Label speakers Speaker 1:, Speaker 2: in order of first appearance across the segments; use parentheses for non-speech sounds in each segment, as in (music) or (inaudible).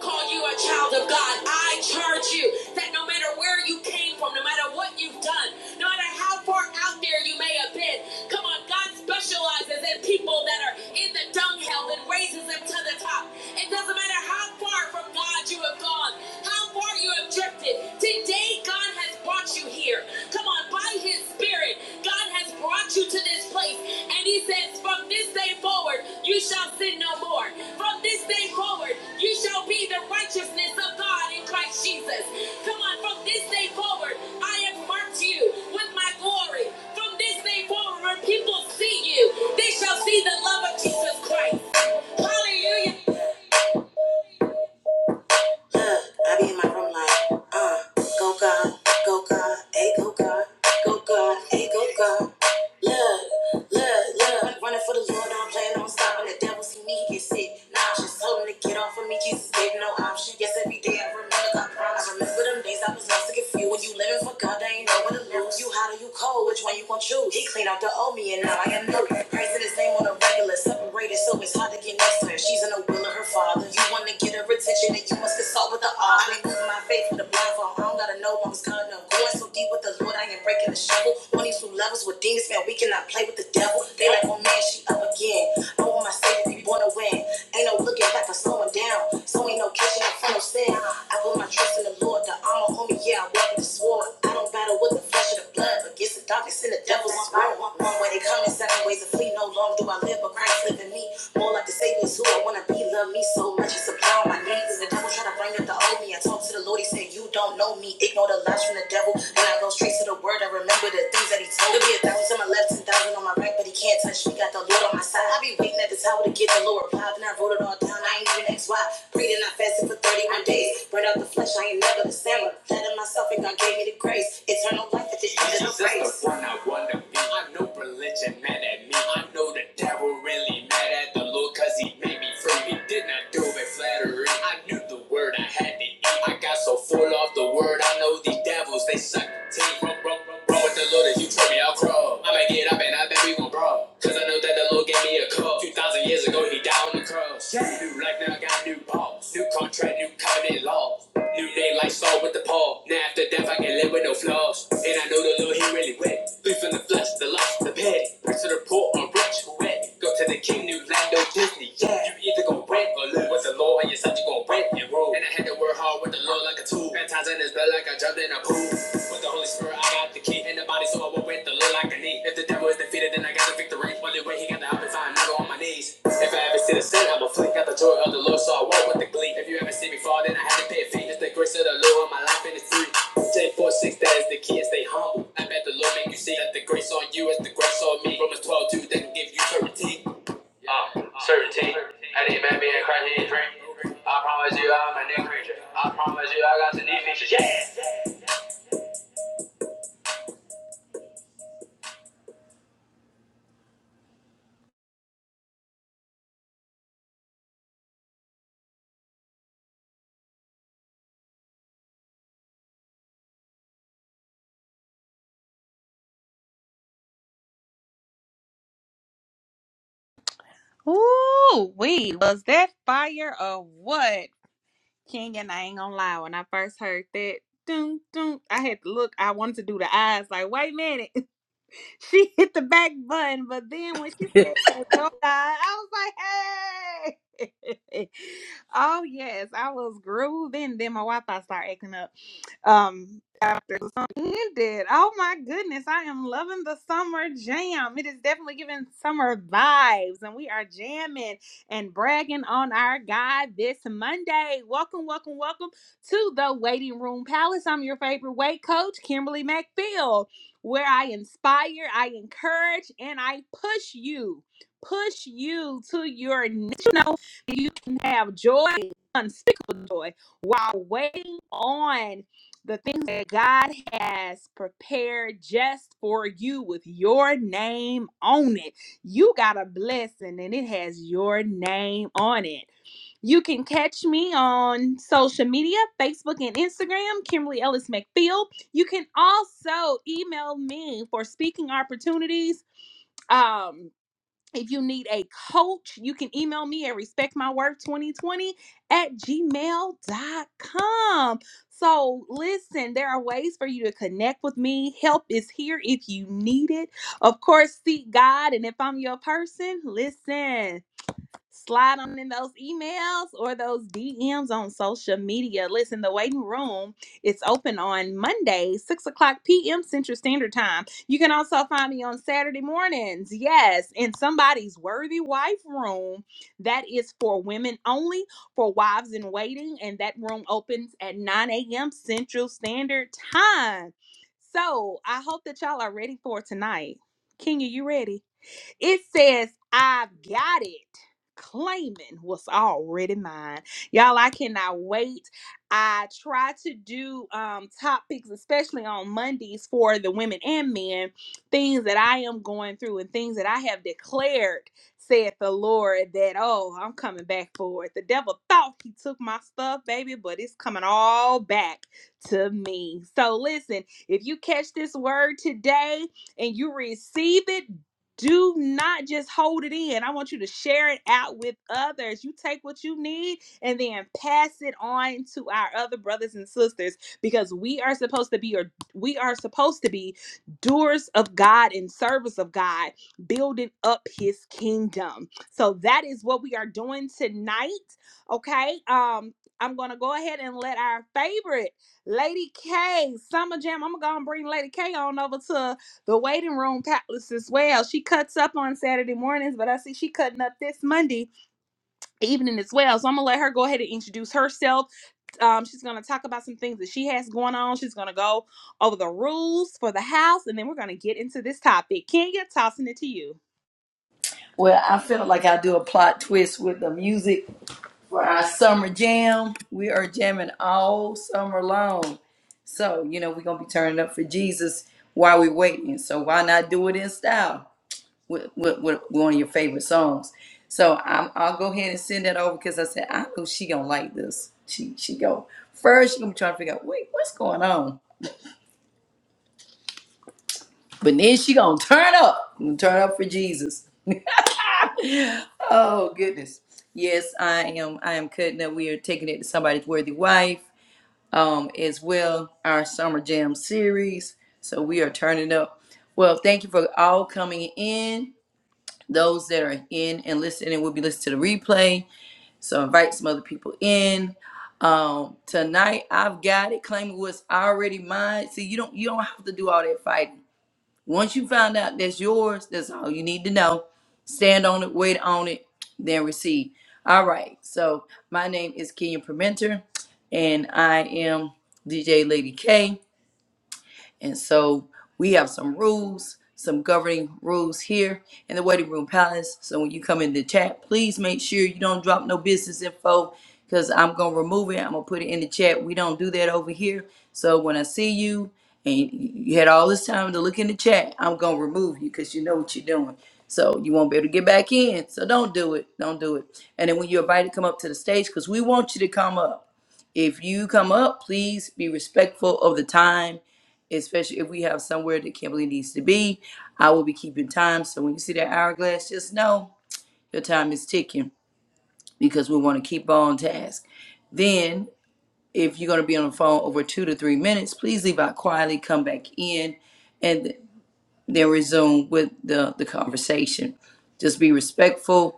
Speaker 1: call you a child of God. I charge you that no matter where you came from, no matter what you've done, no matter how far out there you may have been, come on, God specializes in people that are in the dunghill and raises them to the top. It doesn't matter how far from God you have gone have gone, how far you have drifted. Today, God has brought you here. Come on, by His Spirit, God has brought you to this place. And He says, From this day forward, you shall sin no more. From this day forward, you shall be the righteousness of God in Christ Jesus. Come on, from this day forward, I have marked you with my glory. From this day forward, when people see you, they shall see the love of Jesus Christ. Hallelujah. Uh, I be in my room like, uh, go God, go God, hey go God, go God, hey go God. Look, look, look, I'm running for the Lord, I'm playing on stopping. The devil see me he get sick, nauseous. Told him to get off of me, Jesus gave him no option. Yes, every day I remember God promise. I remember them days I was lost and confused. When you living for God, they ain't know what to lose. You hot or you cold, which one you gon' choose? He cleaned out the old me and now I am new. Praising his name on a regular, separated so it's hard to get next to her. She's in the will of her father. You wanna get her retention, and you must consult with the all. I ain't losing my faith with the blindfold. I don't gotta know what was coming up. Going so deep with the Lord, I ain't breaking the shovel. On these new levels with demons, man, we cannot play with the devil. They like, oh man, she up again. I want my savior to be born to win. Ain't no looking back or slowing down. So ain't no catching up from no sin. I put my trust in the Lord, the armor on me, yeah, I walk with the sword. I don't battle with the flesh or the blood, but against the darkness and the devil's sword. One way they come and seven ways to flee. No longer do I live, but Christ live in me. More like the same who I wanna be. Love me so much, it's a power on my name. The devil trying to bring up the old me. I talk to the Lord, he said, You don't know me. Ignore the lies from the devil. Then I go straight to the word. I remember the things that he told me. A thousand on my left and thousand on my right, but he can't touch me. Got the Lord on my side. I be waiting at the tower to get the Lord reply. Then I wrote it all down. I ain't even asked why. Breathing, I fasted for 31 days. Burn out the flesh, I ain't never the same. that Letting myself, and God gave me the grace. Eternal life at the end of the race. the one I wanna be. I know religion mad at me. I know the devil really mad at me Mad at the Lord cause he made me free. He did not do it flattery. I knew the word I had to eat. I got so full off the word. I know these devils, they suck the teeth. Run, run, run, run with the Lord. If you throw me, I'll crawl. I am going to get up and I bet we gon' brawl. Cause I know that the Lord gave me a call. 2,000 years ago, he died on the cross. Yeah. New life now, I got new balls. New contract, new covenant laws. New name, like Saul with the Paul. Now after death, I can live with no flaws. And I know the Lord, he really went. Free from the flesh, the lust, the petty. Rich to the poor, I'm rich, who wet. Go to the King New Lando Disney. Yeah, you either gon' rent or live with the Lord, and your son you gon' rent and roll. And I had to work hard with the Lord like a tool. At times in his blood like I jumped in a pool. With the Holy Spirit, I got the key. And the body, so I will rent the Lord like a knee. If the devil is defeated, then I got the victory. Only way he got the help is I'm never on my knees. If I ever see the sin, I'ma flee. Got the joy of the Lord, so I walk with the glee. If you ever see me fall, then I had to pay a fee. It's the grace of the Lord, my life and it's free. J four six, that is the key, and stay humble. I bet the Lord make you see that the grace on you is the grace on me. Romans twelve two, that can give you certainty uh, certainty. I need Batman and drink. I promise you I'm a new creature. I promise you I got some new features. Yeah!
Speaker 2: Ooh, wait! was that fire or what? King and I ain't gonna lie, when I first heard that, doom, doom, I had to look, I wanted to do the eyes, like, wait a minute. (laughs) She hit the back button, but then when she said, go God, I was like, hey. (laughs) oh, yes, I was grooving. Then my Wi Fi started acting up um after the summer ended. Oh my goodness, I am loving the summer jam. It is definitely giving summer vibes, and we are jamming and bragging on our God this Monday. Welcome, welcome, welcome to the Waiting Room Palace. I'm your favorite weight coach, Kimberly McPhail, where I inspire, I encourage, and I push you. Push you to your next. You know, you can have joy, unspeakable joy, while waiting on the things that God has prepared just for you with your name on it. You got a blessing and it has your name on it. You can catch me on social media, Facebook and Instagram, Kimberly Ellis McField. You can also email me for speaking opportunities. Um, if you need a coach, you can email me at respectmyworth2020 at gmail dot com. So, listen, there are ways for you to connect with me. Help is here if you need it. Of course, seek God. And if I'm your person, listen slide on in those emails or those DMs on social media. Listen, the waiting room is open on Monday, 6 o'clock p.m. Central Standard Time. You can also find me on Saturday mornings. Yes, in somebody's worthy wife room. That is for women only, for wives in waiting. And that room opens at 9 a.m. Central Standard Time. So I hope that y'all are ready for tonight. Kenya, you ready? It says, I've got it. Claiming what's already mine. Y'all, I cannot wait. I try to do um, topics, especially on Mondays, for the women and men, things that I am going through and things that I have declared, saith the Lord, that, oh, I'm coming back for it. The devil thought he took my stuff, baby, but it's coming all back to me. So listen, if you catch this word today, and you receive it, do not just hold it in. I want you to share it out with others. You take what you need and then pass it on to our other brothers and sisters because we are supposed to be or we are supposed to be doers of God and service of God, building up his kingdom. So that is what we are doing tonight, okay? Um I'm going to go ahead and let our favorite Lady K Summer Jam. I'm going to bring Lady K on over to the waiting room palace as well. She cuts up on Saturday mornings, but I see she cutting up this Monday evening as well. So I'm gonna let her go ahead and introduce herself. Um, she's gonna talk about some things that she has going on. She's gonna go over the rules for the house, and then we're gonna get into this topic. Kenya, tossing it to you.
Speaker 1: Well, I feel like I do a plot twist with the music for our summer jam. We are jamming all summer long. So, you know, we're going to be turning up for Jesus while we're waiting. So, why not do it in style? with, with, with one of your favorite songs. So I'm, I'll go ahead and send that over because I said I know she gonna like this. She she go first. She gonna be trying to figure out wait what's going on, but then she gonna turn up, gonna turn up for Jesus. Oh goodness, yes I am. I am cutting up. We are taking it to somebody's worthy wife, um as well our summer jam series. So we are turning up. Well, thank you for all coming in. Those that are in and listening will be listening to the replay So invite some other people in. Um, tonight I've got it. Claiming what's already mine. See, you don't you don't have to do all that fighting. Once you find out that's yours, that's all you need to know. Stand on it, wait on it, then receive. All right. So my name is Kenya Permenter, and I am DJ Lady K. And so we have some rules, some governing rules here in the waiting room palace. So when you come in the chat, please make sure you don't drop no business info because I'm going to remove it. I'm going to put it in the chat. We don't do that over here. So when I see you and you had all this time to look in the chat, I'm going to remove you because you know what you're doing. So you won't be able to get back in. So don't do it. Don't do it. And then when you're invited, come up to the stage because we want you to come up. If you come up, please be respectful of the time, especially if we have somewhere that Kimberly needs to be. I will be keeping time. So when you see that hourglass, just know your time is ticking because we want to keep on task. Then, if you're going to be on the phone over two to three minutes, please leave out quietly, come back in, and then resume with the, the conversation. Just be respectful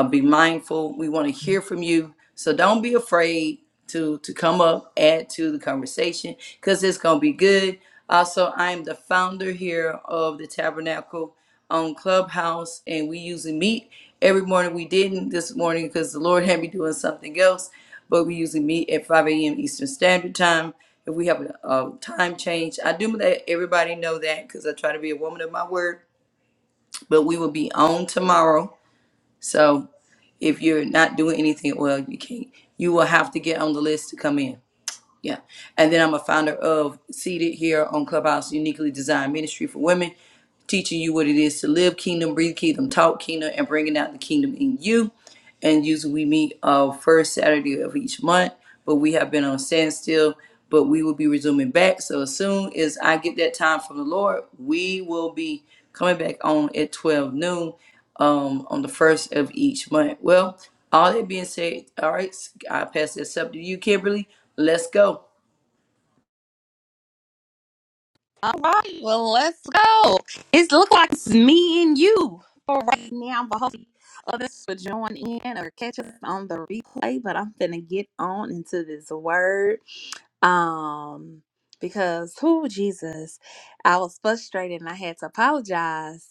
Speaker 1: uh, be mindful. We want to hear from you. So don't be afraid to to come up, add to the conversation, because it's gonna be good. Also, I'm the founder here of the Tabernacle on Clubhouse, and we usually meet every morning. We didn't this morning because the Lord had me doing something else, but we usually meet at 5 a.m. Eastern Standard Time. If we have a, a time change, I do let everybody know that because I try to be a woman of my word. But we will be on tomorrow. So if you're not doing anything well you can't you will have to get on the list to come in yeah and then i'm a founder of seated here on clubhouse uniquely designed ministry for women teaching you what it is to live kingdom, breathe kingdom, talk kingdom, and bringing out the kingdom in you. And usually we meet uh first Saturday of each month, but we have been on standstill. But we will be resuming back. So as soon as I get that time from the Lord, we will be coming back on at 12 noon um, on the first of each month. Well, all that being said, all right, I pass this up to you, Kimberly. Let's go.
Speaker 2: All right, well, let's go. It's look like it's me and you for right now, but hopefully others will join in or catch us on the replay. But I'm gonna get on into this word. Um, because who Jesus, I was frustrated and I had to apologize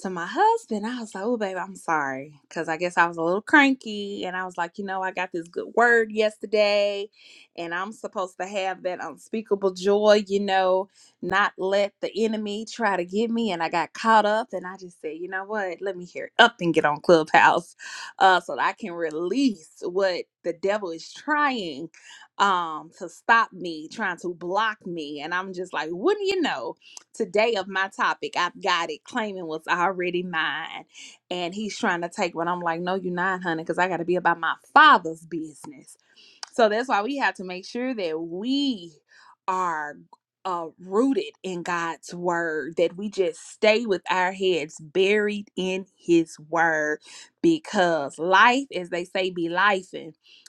Speaker 2: to my husband. I was like, Oh, baby, I'm sorry. Cause I guess I was a little cranky and I was like, you know, I got this good word yesterday, and I'm supposed to have that unspeakable joy, you know not let the enemy try to get me. And I got caught up and I just said, you know what? Let me hear up and get on Clubhouse uh, so that I can release what the devil is trying um, to stop me, trying to block me. And I'm just like, wouldn't you know, today of my topic, I've got it claiming was already mine. And he's trying to take what I'm like, no, you're not, honey, because I got to be about my father's business so that's why we have to make sure that we are uh, rooted in God's word, that we just stay with our heads buried in His word, because life, as they say, be lifing,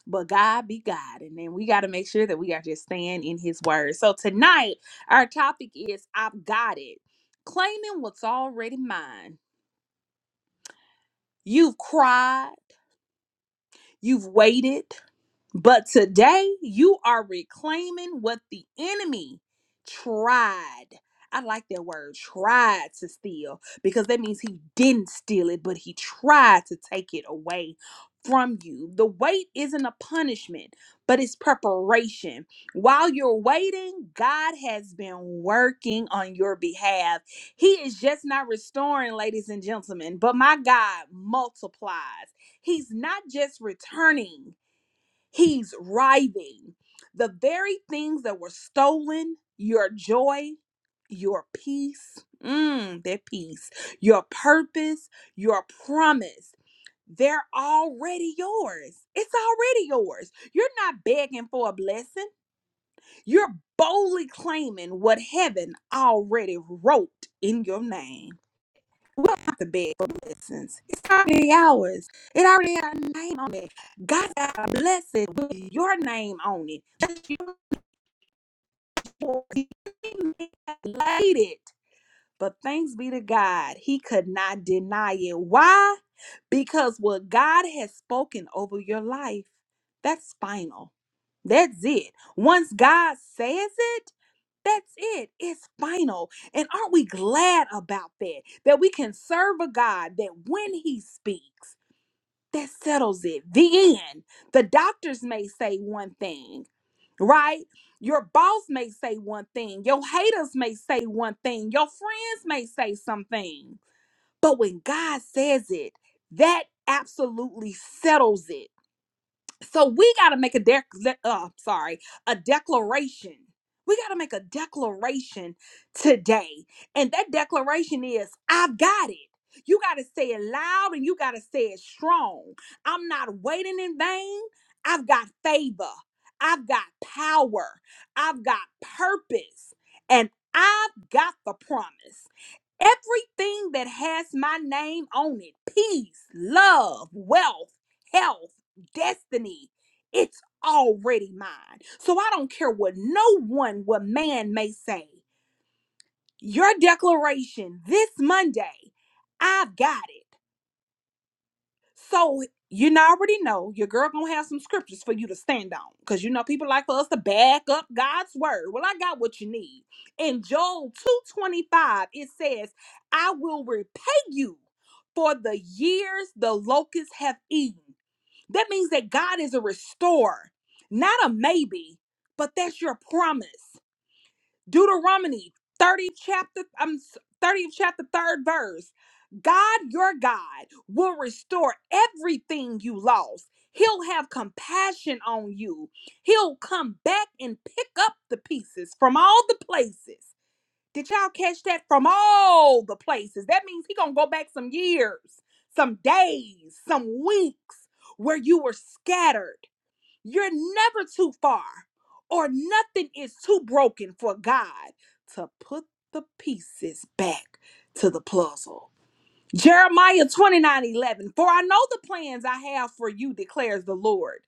Speaker 2: but God be God. And then we got to make sure that we are just staying in His word. So tonight, our topic is I've got it, claiming what's already mine. You've cried, you've waited. But today you are reclaiming what the enemy tried. I like that word, tried to steal, because that means he didn't steal it, but he tried to take it away from you. The wait isn't a punishment, but it's preparation. While you're waiting, God has been working on your behalf. He is just not restoring, ladies and gentlemen, but my God multiplies. He's not just returning He's writhing. The very things that were stolen your joy, your peace, mm, their peace, your purpose, your promise. They're already yours. It's already yours. You're not begging for a blessing. You're boldly claiming what heaven already wrote in your name. We don't have to beg for blessings. It's already ours. It already got a name on it. God got a blessing with your name on it. Just your voice. He laid it. But thanks be to God, He could not deny it. Why? Because what God has spoken over your life, that's final. That's it. Once God says it, that's it. It's final. And aren't we glad about that? That we can serve a God that when He speaks, that settles it. The end. The doctors may say one thing, right? Your boss may say one thing. Your haters may say one thing. Your friends may say something. But when God says it, that absolutely settles it so we got to make a dec. Uh, sorry, a declaration. We got to make a declaration today, and that declaration is, "I've got it." You got to say it loud, and you got to say it strong. I'm not waiting in vain. I've got favor. I've got power. I've got purpose, and I've got the promise. Everything that has my name on it peace, love, wealth, health, destiny it's already mine. So I don't care what no one, what man may say. Your declaration this Monday I've got. So you know- already know your girl gonna have some scriptures for you to stand on, cause you know people like for us to back up God's word. Well, I got what you need. In Joel two twenty five, it says, "I will repay you for the years the locusts have eaten." That means that God is a restorer, not a maybe, but that's your promise. Deuteronomy 30 chapter um 30 chapter third verse. God your God will restore everything you lost. He'll have compassion on you. He'll come back and pick up the pieces from all the places. Did y'all catch that? From all the places. That means he gonna go back some years, some days, some weeks where you were scattered you're never too far, or nothing is too broken for God to put the pieces back to the puzzle. Jeremiah 29 11. For I know the plans I have for you, declares the Lord.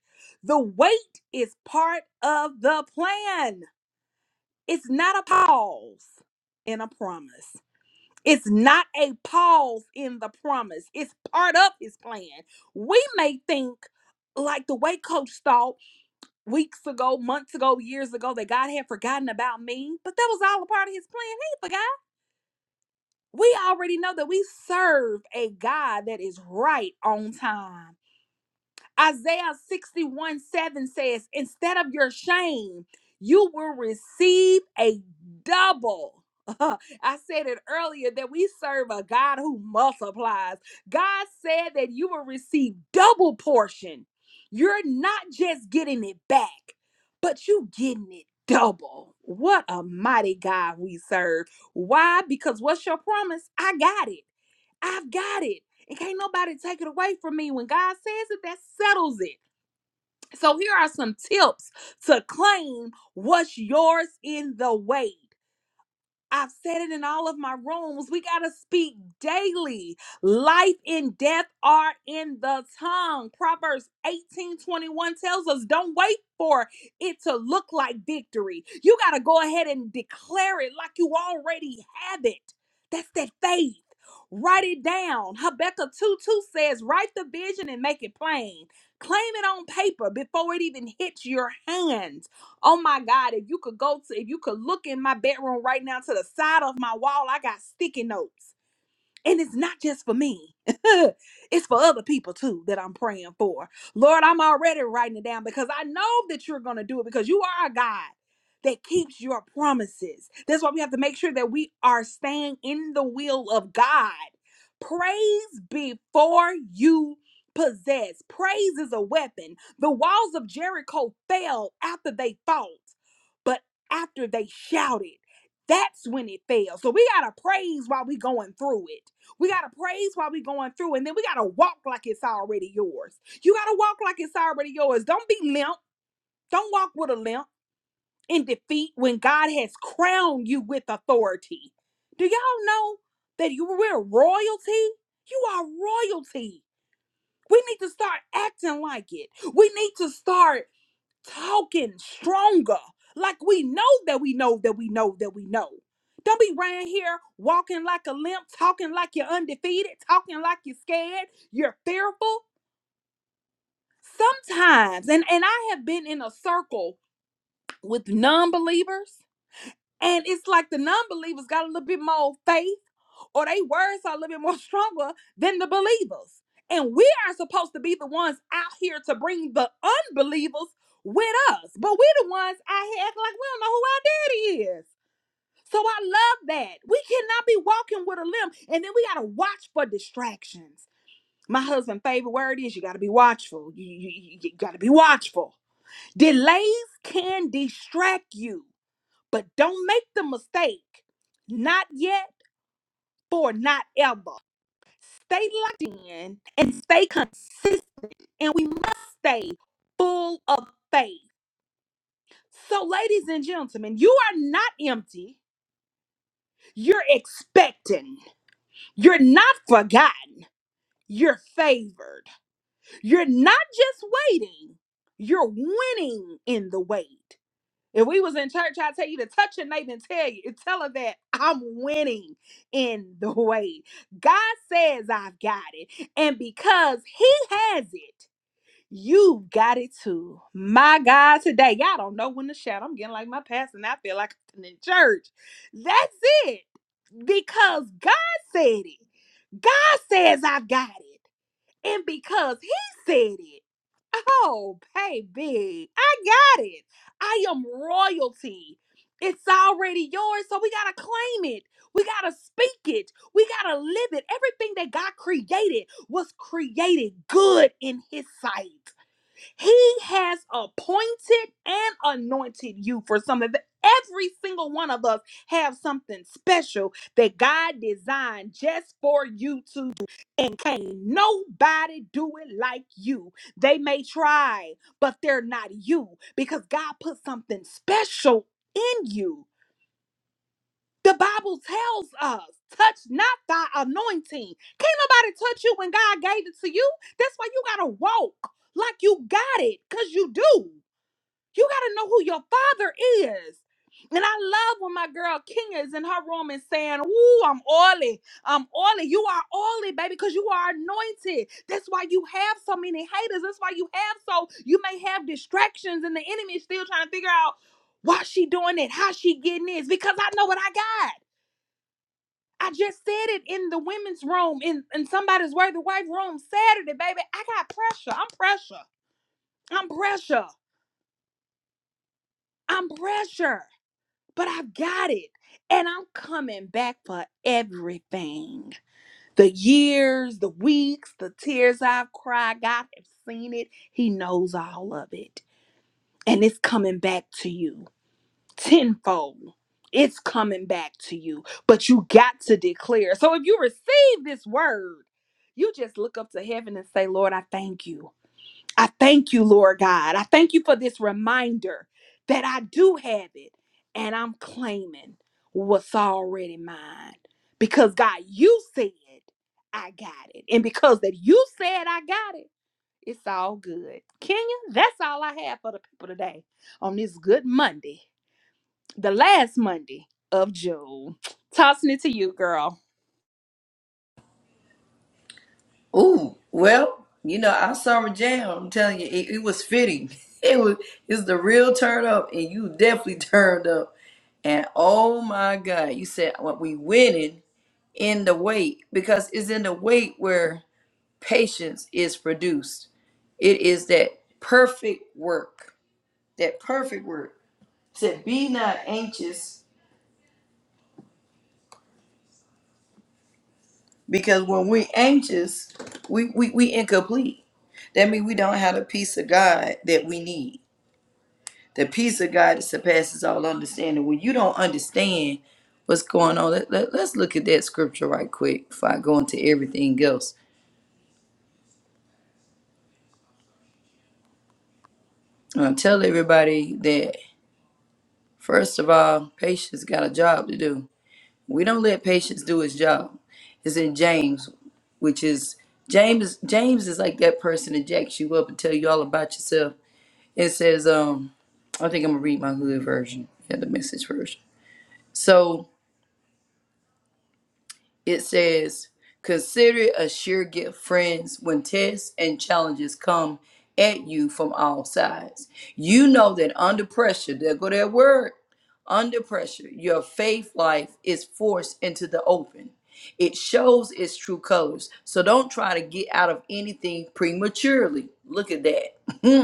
Speaker 2: The wait is part of the plan. It's not a pause in a promise. It's not a pause in the promise. It's part of his plan. We may think, like the way Coach thought, weeks ago, months ago, years ago that God had forgotten about me, but that was all a part of his plan. He forgot. We already know that we serve a God that is right on time. Isaiah 61 7 says, Instead of your shame, you will receive a double. (laughs) I said it earlier that we serve a God who multiplies. God said that you will receive double portion. You're not just getting it back, but you getting it double. What a mighty God we serve. Why? Because what's your promise? I got it. I've got it. And can't nobody take it away from me. When God says it, that settles it. So here are some tips to claim what's yours in the way. I've said it in all of my rooms. We got to speak daily. Life and death are in the tongue. Proverbs 18 21 tells us don't wait for it to look like victory. You got to go ahead and declare it like you already have it. That's that faith. Write it down. Habakkuk 2 2 says, Write the vision and make it plain. Claim it on paper before it even hits your hand. Oh my God, if you could go to, if you could look in my bedroom right now to the side of my wall, I got sticky notes. And it's not just for me. (laughs) it's for other people too that I'm praying for. Lord, I'm already writing it down because I know that you're going to do it because you are a God that keeps your promises. That's why we have to make sure that we are staying in the will of God. Praise before you possess. Praise is a weapon. The walls of Jericho fell after they fought, but after they shouted, that's when it fell. So we got to praise while we going through it. We got to praise while we going through, and then we got to walk like it's already yours. You got to walk like it's already yours. Don't be limp. Don't walk with a limp in defeat when God has crowned you with authority. Do y'all know that you we're royalty? You are royalty. We need to start acting like it. We need to start talking stronger. Like we know that we know that we know that we know. Don't be around here walking like a limp, talking like you're undefeated, talking like you're scared, you're fearful. Sometimes, and, and I have been in a circle with non believers, and it's like the non believers got a little bit more faith or they words are a little bit more (laughs) stronger than the believers. And we are supposed to be the ones out here to bring the unbelievers with us. But we're the ones out here acting like we don't know who our daddy is. So I love that. We cannot be walking with a limp. And then we got to watch for distractions. My husband's favorite word is you got to be watchful. You, you, you got to be watchful. Delays can distract you, but don't make the mistake. Not yet for not ever stay locked in and stay consistent. And we must stay full of faith. So, ladies and gentlemen, you are not empty. You're expecting. You're not forgotten. You're favored. You're not just waiting. You're winning in the wait. If we was in church, I'd tell you to touch your neighbor and tell you, tell her that I'm winning in the wait. God says I've got it. And because he has it, You got it too. My God, today. Y'all don't know when to shout. I'm getting like my pastor, and I feel like I'm in church. That's it. Because God said it. God says I've got it. And because He said it, oh, baby, I got it. I am royalty. It's already yours, so we got to claim it. We got to speak it. We got to live it. Everything that God created was created good in His sight. He has appointed and anointed you for something. Every single one of us have something special that God designed just for you to do. And can't nobody do it like you. They may try, but they're not you because God put something special in you. The Bible tells us, touch not thy anointing. Can't nobody touch you when God gave it to you. That's why you gotta walk like you got it, because you do. You gotta know who your father is. And I love when my girl King is in her room and saying, Ooh, I'm oily. I'm oily. You are oily, baby, because you are anointed. That's why you have so many haters. That's why you have so you may have distractions, and the enemy is still trying to figure out why she doing it, how she getting this, because I know what I got. I just said it in the women's room, in, in somebody's worthy wife room Saturday, baby. I got pressure. I'm pressure. I'm pressure. I'm pressure. But I've got it. And I'm coming back for everything. The years, the weeks, the tears I've cried. God has seen it. He knows all of it. And it's coming back to you. tenfold. It's coming back to you, but you got to declare. So if you receive this word, you just look up to heaven and say, Lord, I thank you. I thank you, Lord God. I thank you for this reminder that I do have it and I'm claiming what's already mine. Because God, you said I got it. And because that you said I got it, it's all good. Kenya, that's all I have for the people today on this good Monday the last Monday of June. Tossing it to you, girl.
Speaker 1: Ooh, well, you know, I saw a jam. I'm telling you, it, it was fitting. (laughs) It was it's the real turn up, and you definitely (laughs) turned up. And oh my God, you said what we winning in the wait because it's in the wait where patience is produced. It is that perfect work. That perfect work. It Said, be not anxious because when we anxious, we we we incomplete. That means we don't have the peace of God that we need the peace of God that surpasses all understanding. When you don't understand what's going on, let, let, us look at that scripture right quick before I go into everything else. Uh, tell everybody that, first of all, patience got a job to do. We don't let patience do its job. It's in James, which is James. James is like that person that jacks you up and tell you all about yourself. It says, um, I think I'm gonna read my hood version, yeah, the message version. So It says, Consider it a sure gift, friends, when tests and challenges come at you from all sides. You know that under pressure, there go that word, under pressure, your faith life is forced into the open. It shows its true colors. So don't try to get out of anything prematurely. Look at that. (laughs)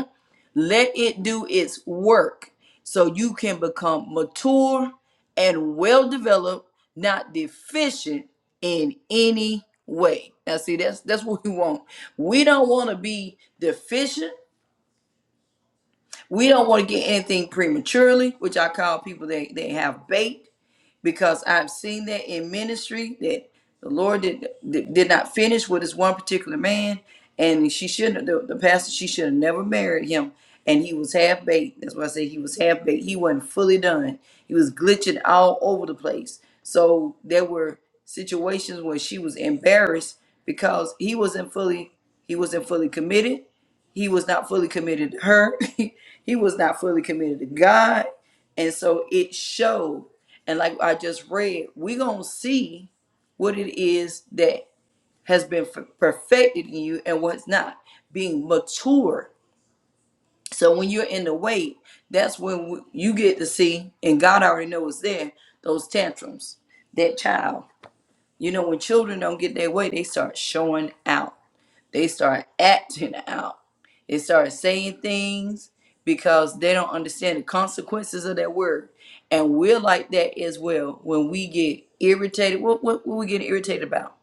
Speaker 1: Let it do its work so you can become mature and well developed, not deficient in any way. Now see that's that's what we want. We don't want to be deficient. We don't want to get anything prematurely, which I call people they they have bait because I've seen that in ministry that the Lord did did did not finish with this one particular man, and she shouldn't. The, the pastor she should have never married him, and he was half baked. That's why I say he was half baked. He wasn't fully done. He was glitching all over the place. So there were situations where she was embarrassed because he wasn't fully he wasn't fully committed. He was not fully committed to her. (laughs) he was not fully committed to God, and so it showed and like I just read, we gonna see what it is that has been f- perfected in you and what's not being mature. So when you're in the wait, that's when w- you get to see, and God already knows there those tantrums, that child. You know, when children don't get their way, they start showing out. They start acting out. They start saying things because they don't understand the consequences of that word. And we're like that as well when we get irritated. What what, what we get irritated about?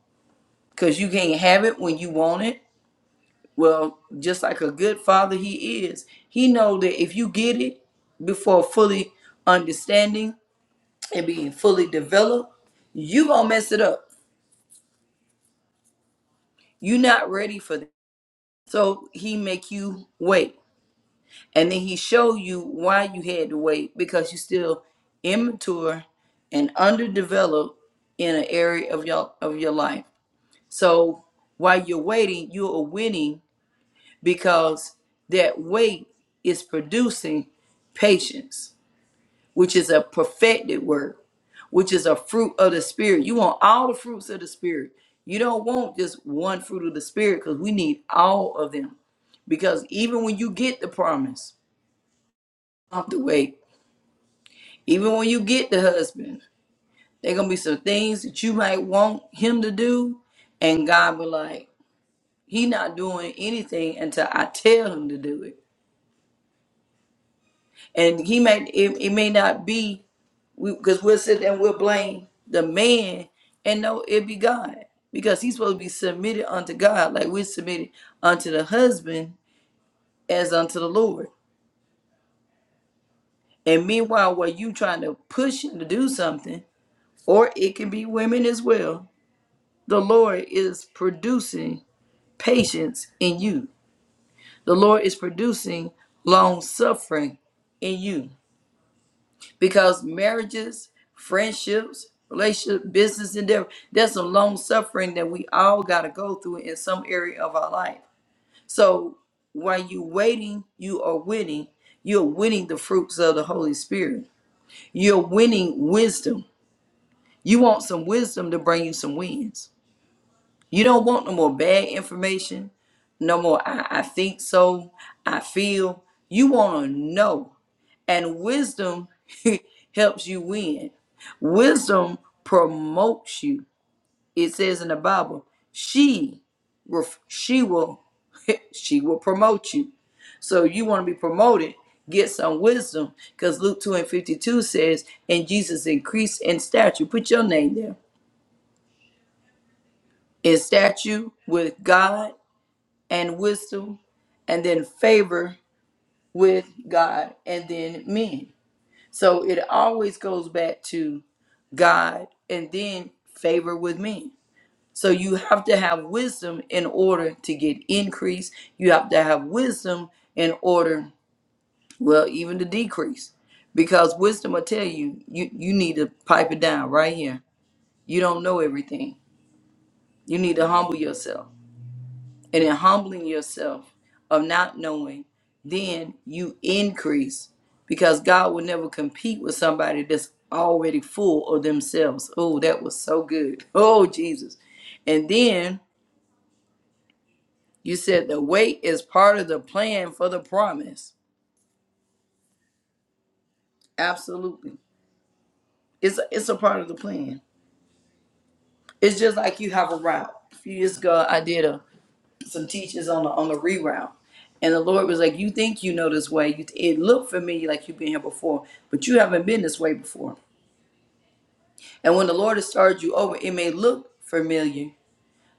Speaker 1: Because you can't have it when you want it. Well, just like a good father he is, he know that if you get it before fully understanding and being fully developed, you gonna mess it up. you are not ready for that. So he make you wait. and then he showed you why you had to wait because you're still immature and underdeveloped in an area of your of your life. So while you're waiting, you are winning because that wait is producing patience, which is a perfected word, which is a fruit of the spirit. You want all the fruits of the spirit. You don't want just one fruit of the spirit because we need all of them. Because even when you get the promise, you have to wait Even when you get the husband, there gonna be some things that you might want him to do, and God be like, He not doing anything until I tell him to do it. And he may it, it may not be because we, will sit there and we'll blame the man, and no, it be God because he's supposed to be submitted unto God, like we're submitted unto the husband as unto the Lord. And meanwhile, while you trying to push him to do something, or it can be women as well The Lord is producing patience in you. The Lord is producing long suffering in you because marriages, friendships, relationship, business endeavor, there's some long suffering that we all got to go through in some area of our life. So while you're waiting, you are winning. You're winning the fruits of the Holy Spirit. You're winning wisdom. You want some wisdom to bring you some wins. You don't want no more bad information, no more I, I think so, I feel. You want to know. And wisdom (laughs) helps you win. Wisdom promotes you. It says in the Bible, she will she will (laughs) she will promote you. So you want to be promoted, get some wisdom. Because Luke 2 and 52 says, and Jesus increased in stature. Put your name there. In stature with God and wisdom, and then favor with God and then men. So it always goes back to God and then favor with men. So you have to have wisdom in order to get increase. You have to have wisdom in order, well, even to decrease. Because wisdom will tell you, you you need to pipe it down right here. You don't know everything. You need to humble yourself. and in humbling yourself of not knowing, then you increase because God will never compete with somebody that's already full of themselves. Oh, that was so good. (laughs) Oh, Jesus. And then you said the wait is part of the plan for the promise. Absolutely. It's a, it's a part of the plan. It's just like you have a route. A few years ago, I did a some teachers on the on the reround. And the Lord was like, "You think you know this way? You, it looked familiar like you've been here before, but you haven't been this way before. And when the Lord has started you over, it may look familiar,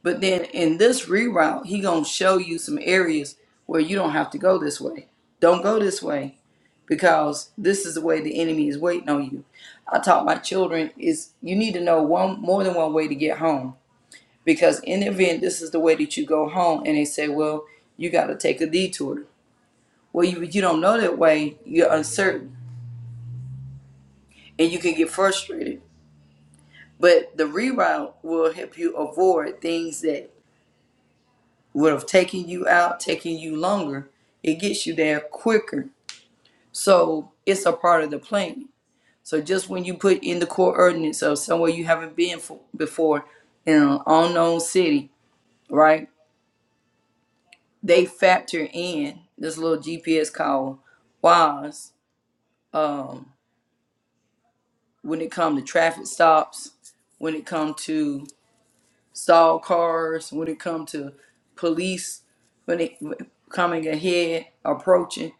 Speaker 1: but then in this reroute, He gonna show you some areas where you don't have to go this way. Don't go this way because this is the way the enemy is waiting on you. I taught my children is you need to know one more than one way to get home because in the event this is the way that you go home, and they say, well, you got to take a detour Well, you you don't know that way. You're uncertain, and you can get frustrated. But the reroute will help you avoid things that would have taken you out, taking you longer. It gets you there quicker. So it's a part of the plan. So just when you put in the coordinates of somewhere you haven't been for, before in an unknown city, right? They factor in this little GPS called WISE um, when it comes to traffic stops, when it comes to stalled cars, when it come to police, when it coming ahead, approaching.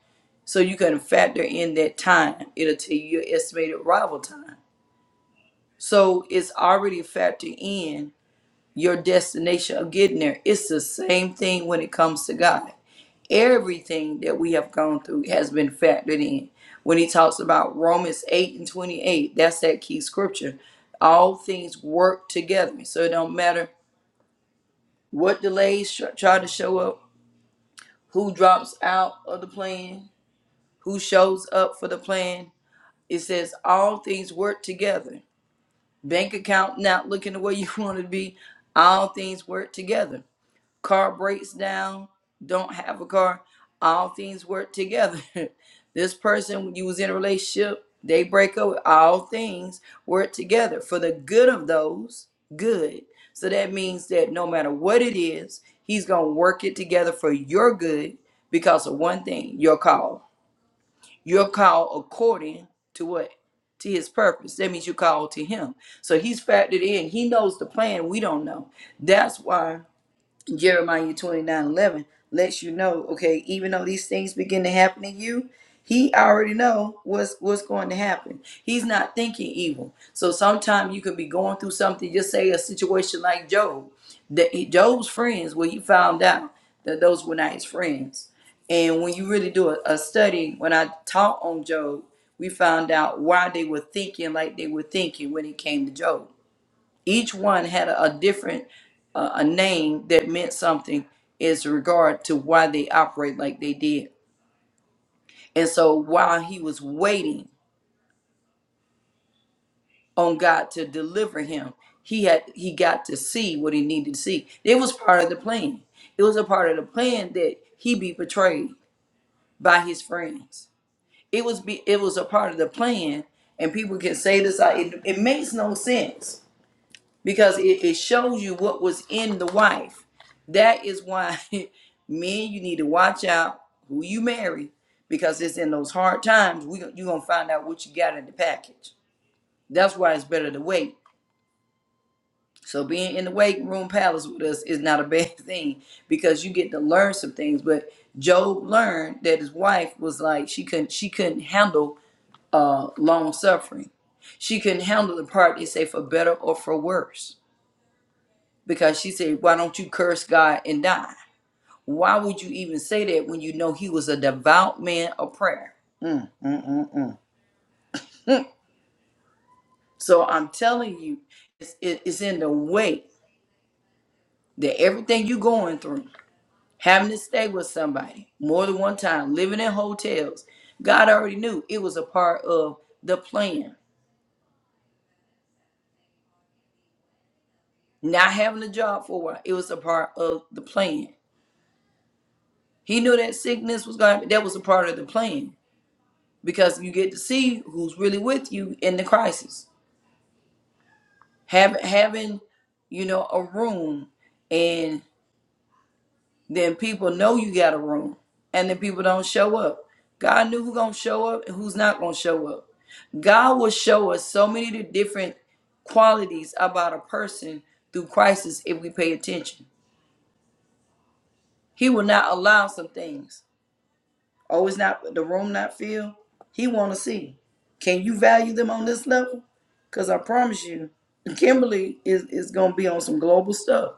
Speaker 1: So you can factor in that time. It'll tell you your estimated arrival time. So it's already factored in your destination of getting there. It's the same thing when it comes to God. Everything that we have gone through has been factored in. When he talks about Romans 8 and 28, that's that key scripture. All things work together. So it don't matter what delays tr- try to show up, who drops out of the plan, who shows up for the plan. It says all things work together. Bank account not looking the way you (laughs) want it to be. All things work together car breaks down, don't have a car, all things work together. (laughs) this person, when you was in a relationship, they break up, all things work together for the good of those good. So that means that no matter what it is, he's going to work it together for your good because of one thing, your call. Your call according to what? To his purpose. That means you call to him. So he's factored in. He knows the plan. We don't know. That's why Jeremiah 29 11 lets you know, okay, even though these things begin to happen to you, he already know what's what's going to happen. He's not thinking evil. So sometimes you could be going through something, just say a situation like Job. That he- Job's friends, well he found out that those were not his friends. And when you really do a, a study, when I taught on Job, we found out why they were thinking like they were thinking when it came to Job each one had a, a different uh, a name that meant something as regard to why they operate like they did and so while he was waiting on god to deliver him he had he got to see what he needed to see it was part of the plan it was a part of the plan that he be betrayed by his friends it was be it was a part of the plan and people can say this out it, it makes no sense because it, it shows you what was in the wife. That is why (laughs) men, you need to watch out who you marry because it's in those hard times we gon- you gonna find out what you got in the package. That's why it's better to wait. So being in the waiting room palace with us is not a bad (laughs) thing because you get to learn some things. But Job learned that his wife was like she couldn't she couldn't handle uh long suffering. She couldn't handle the part they say for better or for worse because she said, Why don't you curse God and die? Why would you even say that when you know he was a devout man of prayer? So I'm telling you, it's, it- it's in the way that everything you're going through, having to stay with somebody more than one time, living in hotels, God already knew it was a part of the plan. Not having a job for a while, it was a part of the plan. He knew that sickness was going to, that was a part of the plan because you get to see who's really with you in the crisis having having you know a room and then people know you got a room and then people don't show up god knew who's gonna show up and who's not gonna show up god will show us so many different qualities about a person through crisis if we pay attention he will not allow some things oh it's not the room not filled he want to see can you value them on this level because i promise you kimberly is, is gonna be on some global stuff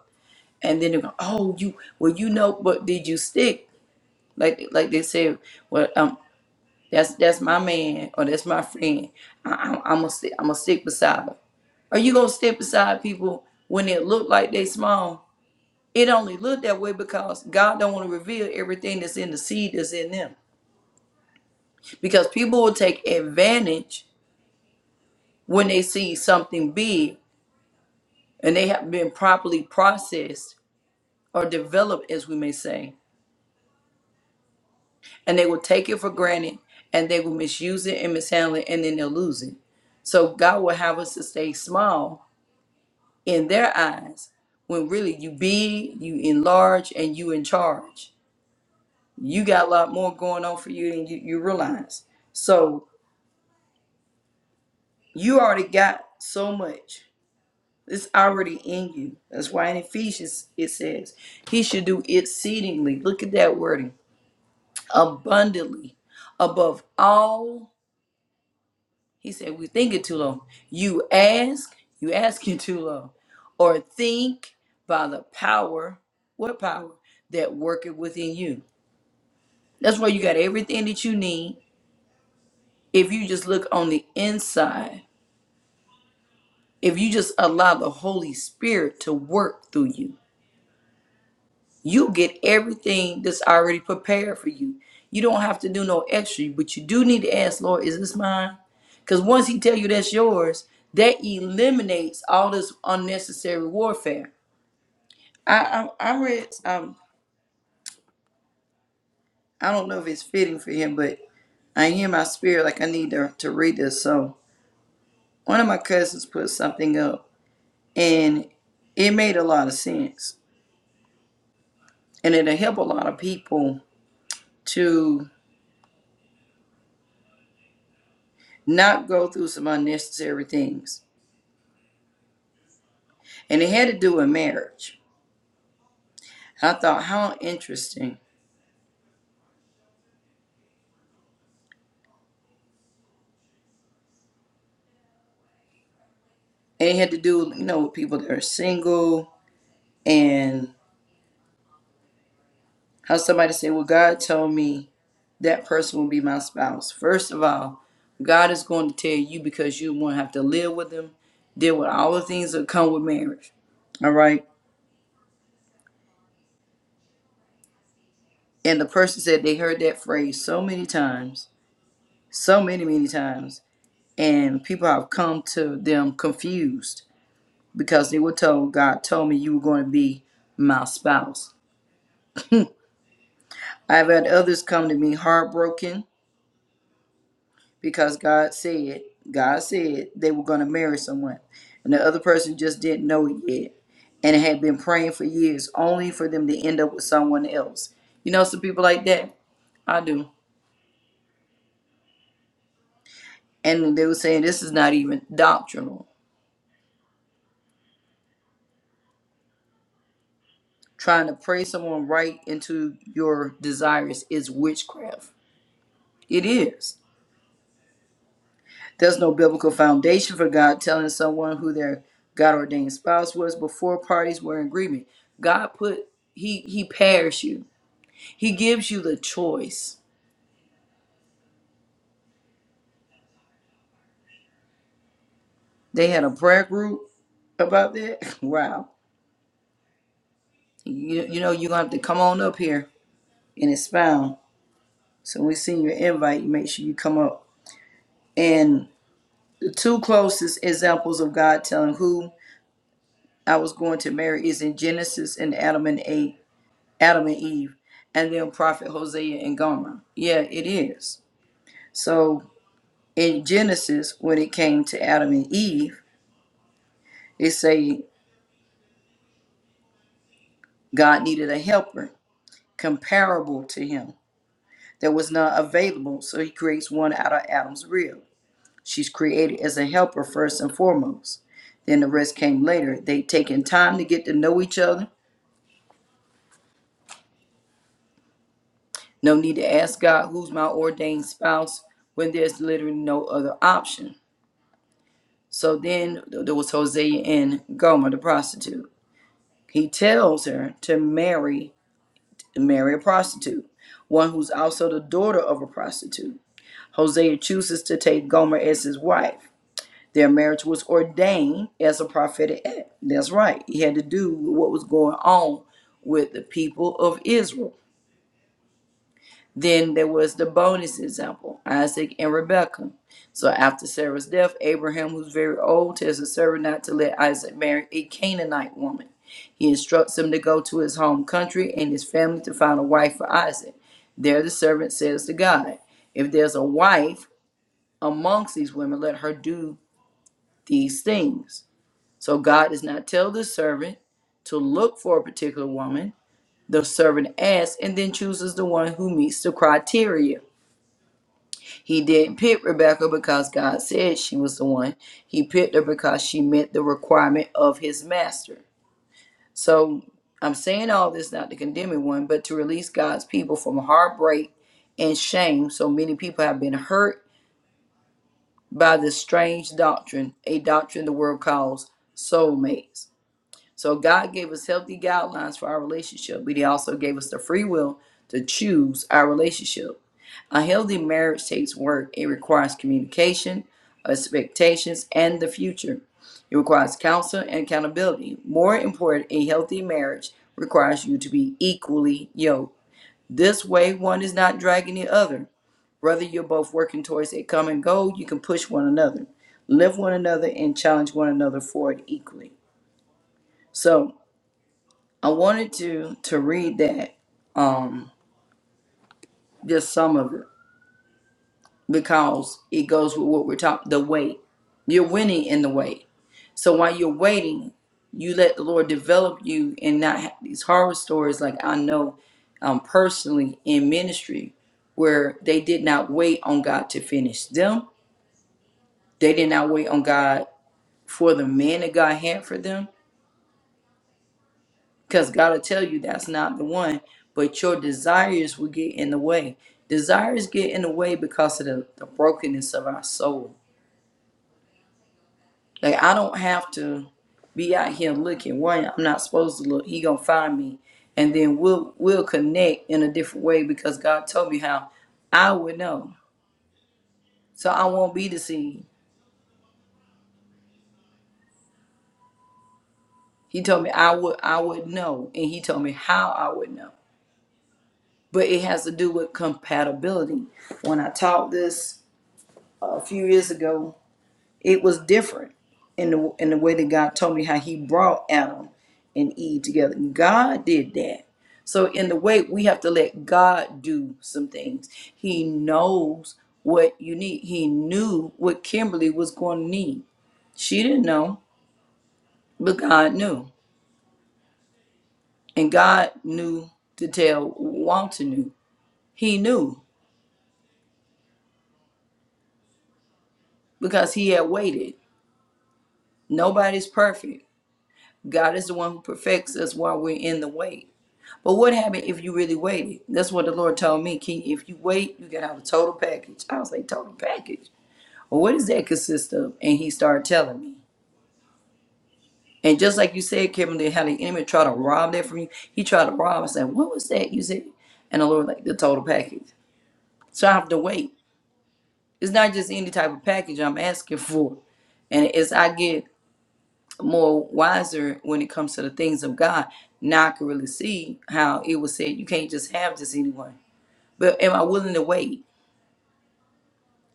Speaker 1: and then they go, "Oh, you well, you know, but did you stick?" Like like they say, "Well, um, that's that's my man or that's my friend. I, I, I'm gonna stick. I'm gonna stick beside her." Are you gonna stick beside people when it look like they small? It only look that way because God don't want to reveal everything that's in the seed that's in them. Because people will take advantage when they see something big and they have been properly processed or developed, as we may say and they will take it for granted and they will misuse it and mishandle it and then they'll lose it. So God will have us to stay small in their eyes when really you be you enlarge, and you in charge. You got a lot more going on for you than you, you realize. So you already got so much. It's already in you. That's why in Ephesians it says, He should do exceedingly, look at that wording, abundantly, above all He said, we think it too long. You ask, you asking too long. Or think by the power, what power? That worketh within you. That's why you got everything that you need. If you just look on the inside, if you just allow the Holy Spirit to work through you. you get everything that's already prepared for you. You don't have to do no extra, but you do need to ask, Lord, is this mine? Because once He tell you that's yours, that eliminates all this unnecessary warfare. I I, I read um I don't know if it's fitting for him, but I hear my spirit like I need to, to read this. So one of my cousins put something up, and it made a lot of sense, and it'll help a lot of people to not go through some unnecessary things and it had to do with marriage. I thought how interesting, and it had to do, you know, with people that are single, and how somebody said, "Well, God told me that person will be my spouse." First of all, God is going to tell you because you won't have to live with them, deal with all the things that come with marriage. All right. And the person said they heard that phrase so many times, so many, many times, and people have come to them confused because they were told, God told me you were going to be my spouse. I've had others come to me heartbroken because God said, God said they were going to marry someone. And the other person just didn't know it yet. And had been praying for years only for them to end up with someone else. You know, some people like that. I do. And they were saying this is not even doctrinal. Trying to pray someone right into your desires is witchcraft. It is. There's no biblical foundation for God telling someone who their God ordained spouse was before parties were in agreement. God put he he pairs you. He gives you the choice. They had a prayer group about that. (laughs) Wow. You, you know you're gonna have to come on up here and expound. So when we send you an invite, make sure you come up. And the two closest examples of God telling who I was going to marry is in Genesis and Adam and Eve Adam and Eve, and then Prophet Hosea and Gomer. Yeah, it is. So in Genesis, when it came to Adam and Eve, it say God needed a helper comparable to him that was not available. So he creates one out of Adam's rib. She's created as a helper first and foremost. Then the rest came later. They taken time to get to know each other. No need to ask God who's my ordained spouse when there's literally no other option. So then there was Hosea and Gomer, the prostitute. He tells her to marry marry a prostitute, one who's also the daughter of a prostitute. Hosea chooses to take Gomer as his wife. Their marriage was ordained as a prophetic act. That's right. He had to do with what was going on with the people of Israel. Then there was the bonus example, Isaac and Rebekah. So after Sarah's death, Abraham, who's very old, tells his servant not to let Isaac marry a Canaanite woman. He instructs him to go to his home country and his family to find a wife for Isaac. There the servant says to God, If there's a wife amongst these women, let her do these things. So God does not tell the servant to look for a particular woman. The servant asks and then chooses the one who meets the criteria. He didn't pick Rebecca because God said she was the one. He picked her because she met the requirement of his master. So I'm saying all this not to condemn anyone, but to release God's people from heartbreak and shame. So many people have been hurt by this strange doctrine, a doctrine the world calls soulmates. So God gave us healthy guidelines for our relationship, but He also gave us the free will to choose our relationship. A healthy marriage takes work. It requires communication, expectations, and the future. It requires counsel and accountability. More important, a healthy marriage requires you to be equally yoked. This way, one is not dragging the other. Whether you're both working towards a common goal, you can push one another, lift one another, and challenge one another forward equally. So, I wanted to to read that, um, just some of it because it goes with what we're talking the wait you're winning in the wait so while you're waiting you let the lord develop you and not have these horror stories like i know um, personally in ministry where they did not wait on god to finish them they did not wait on god for the man that god had for them because god will tell you that's not the one but your desires will get in the way desires get in the way because of the, the brokenness of our soul Like I don't have to be out here looking. One, I'm not supposed to look. He gonna find me, and then we'll we'll connect in a different way because God told me how I would know. So I won't be deceived. He told me I would I would know, and He told me how I would know. But it has to do with compatibility. When I taught this a few years ago, it was different in the in the way that God told me how He brought Adam and Eve together. God did that. So in the way we have to let God do some things. He knows what you need. He knew what Kimberly was going to need. She didn't know, but God knew, and God knew to tell Walter knew. He knew because he had waited. Nobody's perfect. God is the one who perfects us while we're in the wait. But what happened if you really waited? That's what the Lord told me, King. If you wait, you can have a total package. I was like, total package? Well, what does that consist of? And he started telling me. And just like you said, Kimberly, how the enemy tried to rob that from you, he tried to rob us. And what was that you said? And the Lord, was like, the total package. So I have to wait. It's not just any type of package I'm asking for. And as I get more wiser when it comes to the things of God, now I can really see how it was said you can't just have this anyone. But am I willing to wait?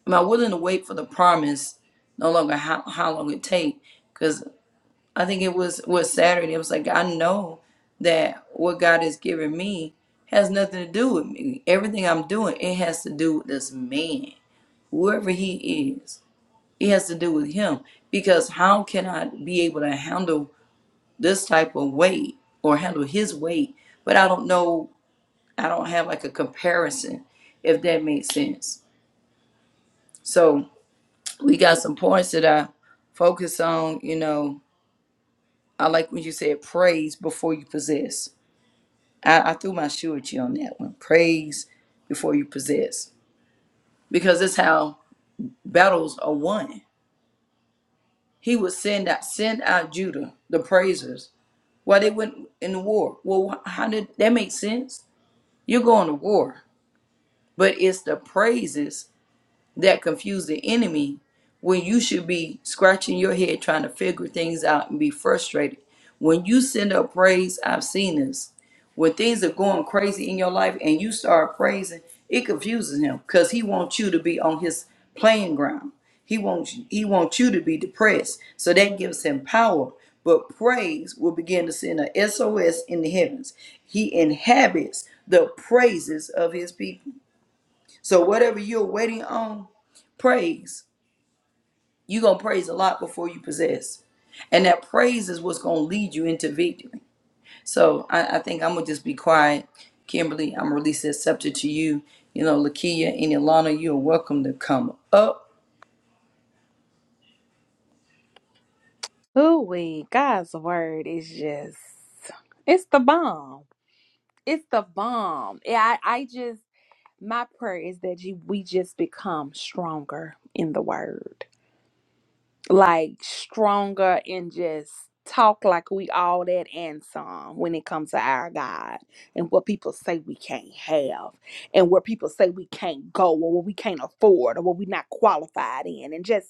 Speaker 1: am I willing to wait for the promise? No longer how how long it take? Because I think it was was Saturday. It was like I know that what God has given me has nothing to do with me. Everything I'm doing, it has to do with this man, whoever he is. It has to do with him. Because how can I be able to handle this type of weight or handle his weight? But I don't know. I don't have like a comparison, if that makes sense. So. we got some points that I focus on. You know, I like when you said praise before you possess. I, I threw my shoe at you on that one. Praise before you possess, because that's how battles are won. He would send out send out Judah the praisers while they went in the war. Well, wh- how did that make sense? You're going to war, but it's the praises that confuse the enemy when you should be scratching your head trying to figure things out and be frustrated. When you send up praise, I've seen this. When things are going crazy in your life and you start praising, it confuses him because he wants you to be on his playing ground. He wants he wants you to be depressed. So that gives him power. But praise will begin to send a S O S in the heavens. He inhabits the praises of his people. So whatever you're waiting on, praise. You're gonna praise a lot before you possess. And that praise is what's gonna lead you into victory. So I, I think I'm gonna just be quiet. Kimberly, I'm gonna release that scepter to you. You know, Lakia and Ilana, you're welcome to come up.
Speaker 2: Ooh, we God's word is just it's the bomb. It's the bomb. Yeah, I, I just my prayer is that you we just become stronger in the word. Like stronger and just talk like we all that and some when it comes to our God and what people say we can't have and where people say we can't go or what we can't afford or what we're not qualified in and just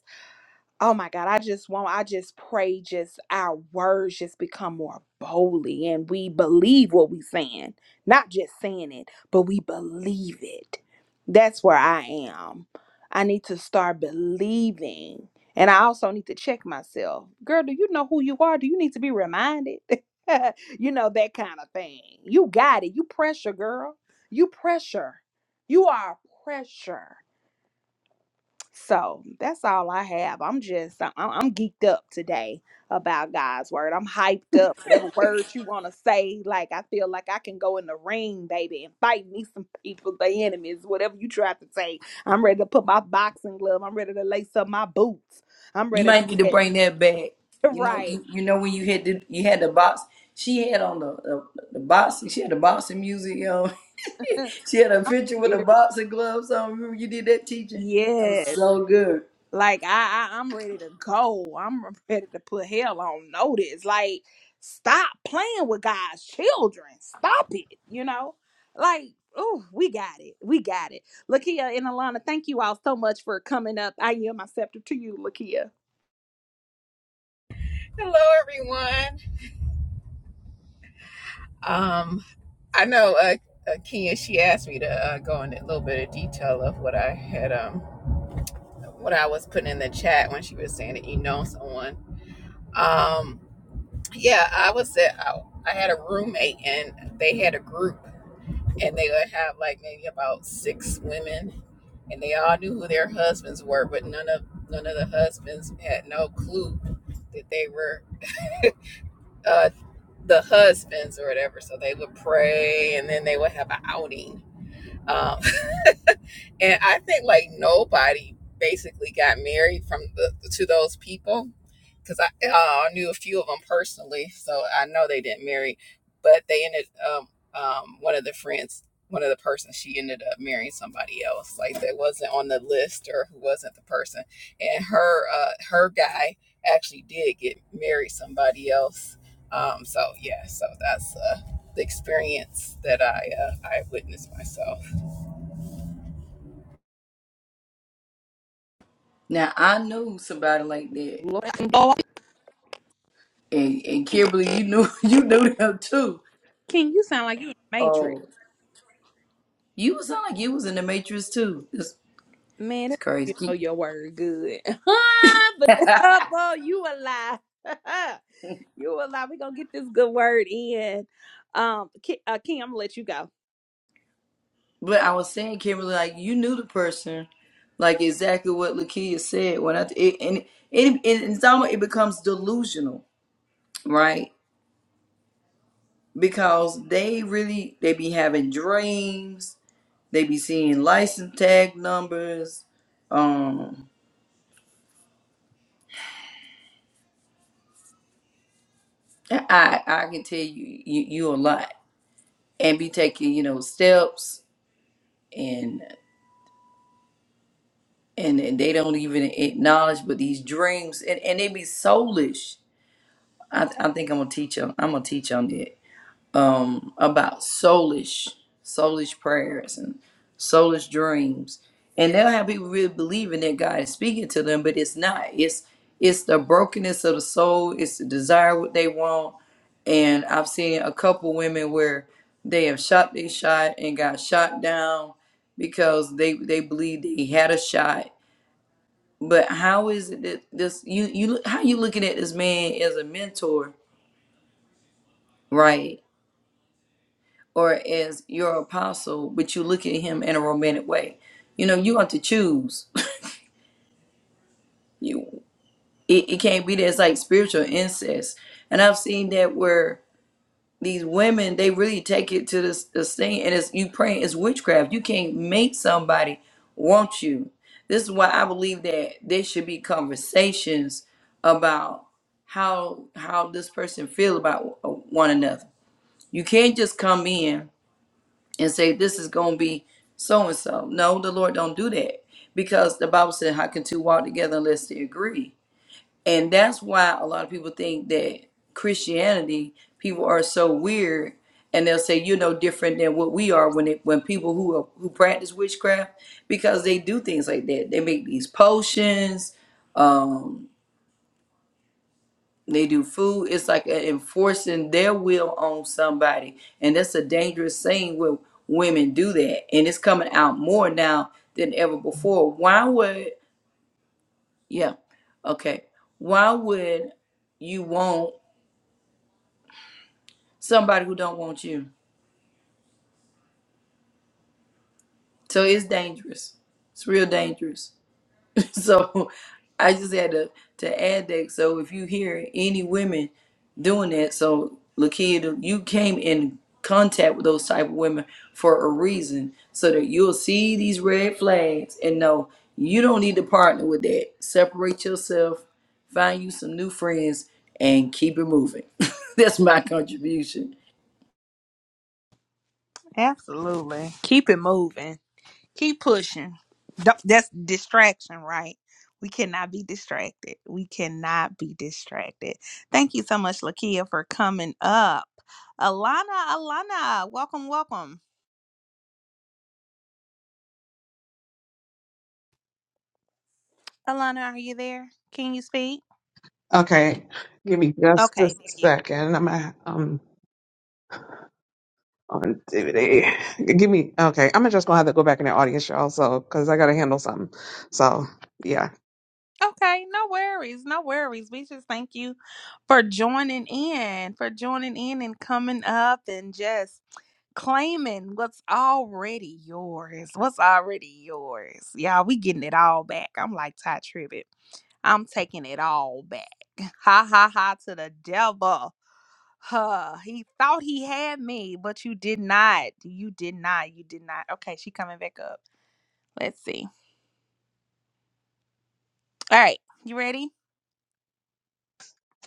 Speaker 2: Oh my God, I just want, I just pray, just our words just become more boldly and we believe what we saying. Not just saying it, but we believe it. That's where I am. I need to start believing. And I also need to check myself. Girl, do you know who you are? Do you need to be reminded? (laughs) you know, that kind of thing. You got it. You pressure, girl. You pressure. You are pressure. So that's all I have. I'm just I'm, I'm geeked up today about God's word. I'm hyped up. Whatever word you want to say, like I feel like I can go in the ring, baby, and fight me some people, the enemies, whatever you try to say. I'm ready to put my boxing glove. I'm ready to lace up my boots. I'm
Speaker 1: You
Speaker 2: ready to
Speaker 1: might need to bring
Speaker 2: let,
Speaker 1: that back.
Speaker 2: (laughs)
Speaker 1: You know,
Speaker 2: right.
Speaker 1: you, you know when you had the you had the box. She had on the the, the boxing. She had the boxing music on. (laughs) she had a picture with the
Speaker 2: (laughs)
Speaker 1: boxing gloves on. Remember you did that teaching? That was
Speaker 2: yes,
Speaker 1: so good.
Speaker 2: Like I, I I'm ready to go. I'm (laughs) ready to put hell on notice. Like stop playing with God's children. Stop it. You know, like oh, we got it. We got it. Lakia and Alana, thank you all so much for coming up. I yield my scepter to you, Lakia.
Speaker 3: Hello, everyone. Um, I know uh, uh, Kia. She asked me to uh, go into a little bit of detail of what I had, um, what I was putting in the chat when she was saying that you know someone. Um, yeah, I was at. I, I had a roommate, and they had a group, and they would have like maybe about six women, and they all knew who their husbands were, but none of none of the husbands had no clue that they were uh, the husbands or whatever. So they would pray and then they would have an outing. Um, and I think like nobody basically got married from the to those people because I uh, knew a few of them personally, so I know they didn't marry, but they ended um um one of the friends one of the persons she ended up marrying somebody else like that wasn't on the list or who wasn't the person and her uh her guy actually did get married somebody else um so yeah so that's uh the experience that i uh, i witnessed myself
Speaker 1: Now I knew somebody like that,
Speaker 2: Lord, oh,
Speaker 1: and and Kimberly, you knew (laughs) you knew them too.
Speaker 2: King, you sound like you in the Matrix,
Speaker 1: Oh, you sound like you was in the Matrix too. It's,
Speaker 2: man.
Speaker 1: it's
Speaker 2: that-
Speaker 1: crazy.
Speaker 2: You know
Speaker 1: Ki-
Speaker 2: your word good, (laughs) but the oh, you a lie. (laughs) you a lie. We gonna get this good word in. Um, Ki- uh, Kim, I'm gonna let you go.
Speaker 1: But I was saying, Kimberly, like you knew the person, like exactly what Lakia said. When I it, and it, it it's almost it becomes delusional, right? Because they really they be having dreams, they be seeing license tag numbers. Um, I I I can tell you you, you a lot and be taking you know steps and and and they don't even acknowledge but these dreams and and they be soulish i, I think i'm gonna teach them i'm gonna teach on that um, about soulish, soulish prayers and soulish dreams. And they'll have people really believing that God is speaking to them, but it's not. It's it's the brokenness of the soul. It's the desire what they want. And I've seen a couple women where they have shot their shot and got shot down because they they believed they had a shot. But how is it that this you you how you looking at this man as a mentor, right? or as your apostle, but you look at him in a romantic way. You know, you have to choose. (laughs) You it, it can't be that it's like spiritual incest. And I've seen that where these women they really take it to this, this thing and it's you praying it's witchcraft. You can't make somebody want you. This is why I believe that there should be conversations about how how this person feel about uh, one another. You can't just come in and say this is going to be so and so. No, the Lord don't do that because the Bible said, "How can two walk together unless they agree?" And that's why a lot of people think that Christianity people are so weird, and they'll say you're no different than what we are when it when people who are, who practice witchcraft because they do things like that. They make these potions. um, they do food. It's like enforcing their will on somebody, and that's a dangerous thing Where women do that. And it's coming out more now than ever before. Why would yeah, okay? Why would you want somebody who don't want you? So it's dangerous. It's real dangerous. (laughs) So I just had to to add that. So if you hear any women doing that, so Lakia, you came in contact with those type of women for a reason, so that you'll see these red flags and know you don't need to partner with that. Separate yourself, find you some new friends, and keep it moving. (laughs) That's my contribution.
Speaker 2: Absolutely. Keep it moving. Keep pushing. Don't- That's distraction, right? We cannot be distracted. We cannot be distracted. Thank you so much, Lakia, for coming up. Alana, Alana, welcome, welcome. Alana, are you there? Can you speak?
Speaker 4: Okay, give me just a
Speaker 2: Okay, there you
Speaker 4: second. I'm uh, um on DVD. Give me okay. I'm just gonna have to go back in the audience, y'all. So, cause I gotta handle something. So, yeah,
Speaker 2: Okay, no worries, no worries. We just thank you for joining in, for joining in and coming up and just claiming what's already yours. What's already yours. Y'all, we getting it all back. I'm like Ty Tribbett. I'm taking it all back. (laughs) Ha ha ha to the devil. Huh. He thought he had me, but you did not. You did not. You did not. Okay, she coming back up. Let's see. All right. You ready?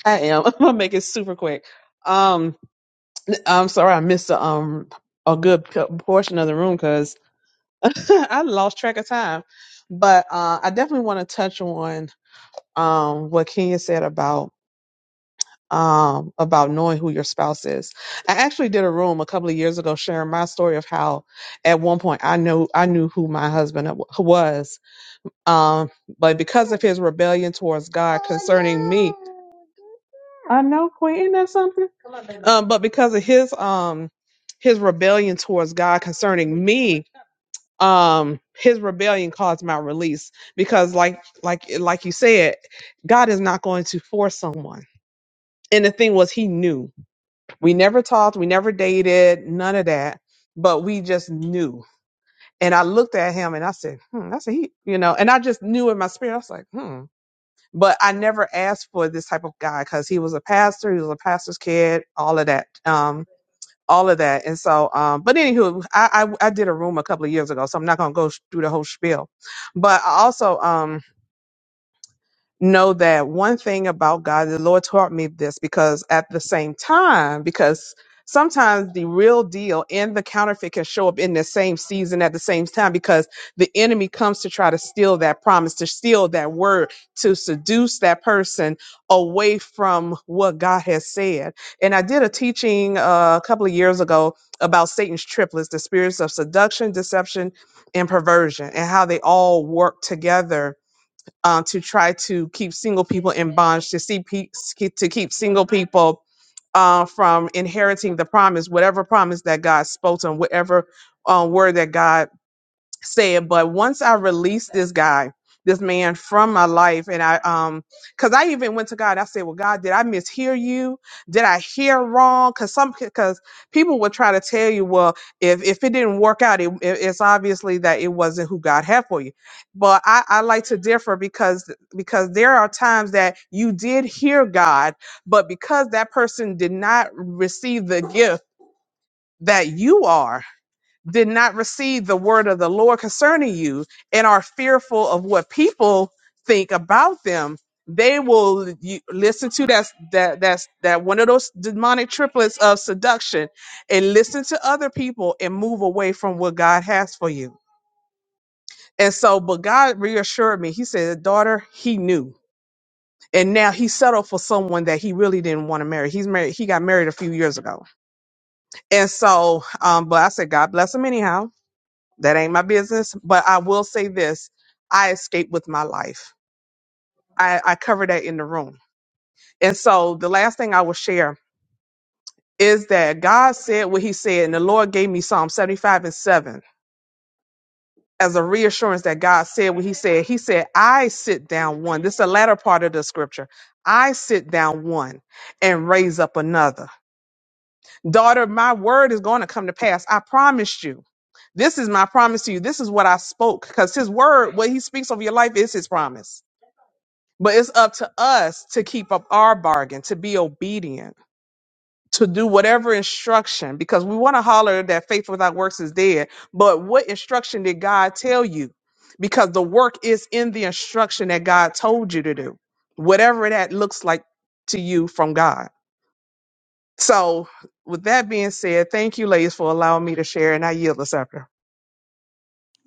Speaker 4: I am. (laughs) I'm gonna make it super quick. Um, I'm sorry I missed a, um a good p- portion of the room because (laughs) I lost track of time. But uh, I definitely want to touch on um what Kenya said about um, about knowing who your spouse is. I actually did a room a couple of years ago sharing my story of how at one point I knew I knew who my husband w- was, um, but because of his rebellion towards God concerning me, I know Quentin that's something. Um, but because of his um his rebellion towards God concerning me, um, his rebellion caused my release because like like like you said, God is not going to force someone. And the thing was, he knew. We never talked, we never dated, none of that, but we just knew. And I looked at him and I said, hmm, that's a he, you know, and I just knew in my spirit, I was like, hmm. But I never asked for this type of guy because he was a pastor, he was a pastor's kid, all of that. Um, all of that. And so, um, but anywho, I, I, I did a room a couple of years ago, so I'm not going to go sh- through the whole spiel. But I also, um, know that one thing about God, the Lord taught me this because at the same time, because sometimes the real deal and the counterfeit can show up in the same season at the same time because the enemy comes to try to steal that promise, to steal that word, to seduce that person away from what God has said. And I did a teaching uh, a couple of years ago about Satan's triplets, the spirits of seduction, deception, and perversion, and how they all work together uh, to try to keep single people in bondage, to see pe- to keep single people uh, from inheriting the promise, whatever promise that God spoke to them, whatever uh, word that God said, but once I released this guy, this man from my life, and I, um, cause I even went to God. I said, well, God, did I mishear you? Did I hear wrong? Cause some, cause people will try to tell you, well, if if it didn't work out, it, it- it's obviously that it wasn't who God had for you. But I, I like to differ because because there are times that you did hear God, but because that person did not receive the gift that you are did not receive the word of the Lord concerning you and are fearful of what people think about them, they will you, listen to that that that's that one of those demonic triplets of seduction and listen to other people and move away from what God has for you. And so, but God reassured me. He said, "Daughter, He knew." And now he settled for someone that he really didn't want to marry. He's married. He got married a few years ago. And so, um, but I said, God bless him anyhow That ain't my business. But I will say this I escaped with my life. I, I covered that in the room. And so the last thing I will share is that God said what he said, and the Lord gave me Psalm 75 and 7 as a reassurance that God said what he said. He said, I sit down one. This is the latter part of the scripture. I sit down one and raise up another. Daughter, my word is going to come to pass. I promised you this is my promise to you. This is what I spoke because his word, what he speaks over your life is his promise. But it's up to us to keep up our bargain, to be obedient, to do whatever instruction, because we want to holler that faith without works is dead. But what instruction did God tell you? Because the work is in the instruction that God told you to do, whatever that looks like to you from God. So, with that being said, thank you, ladies, for allowing me to share, and I yield the scepter.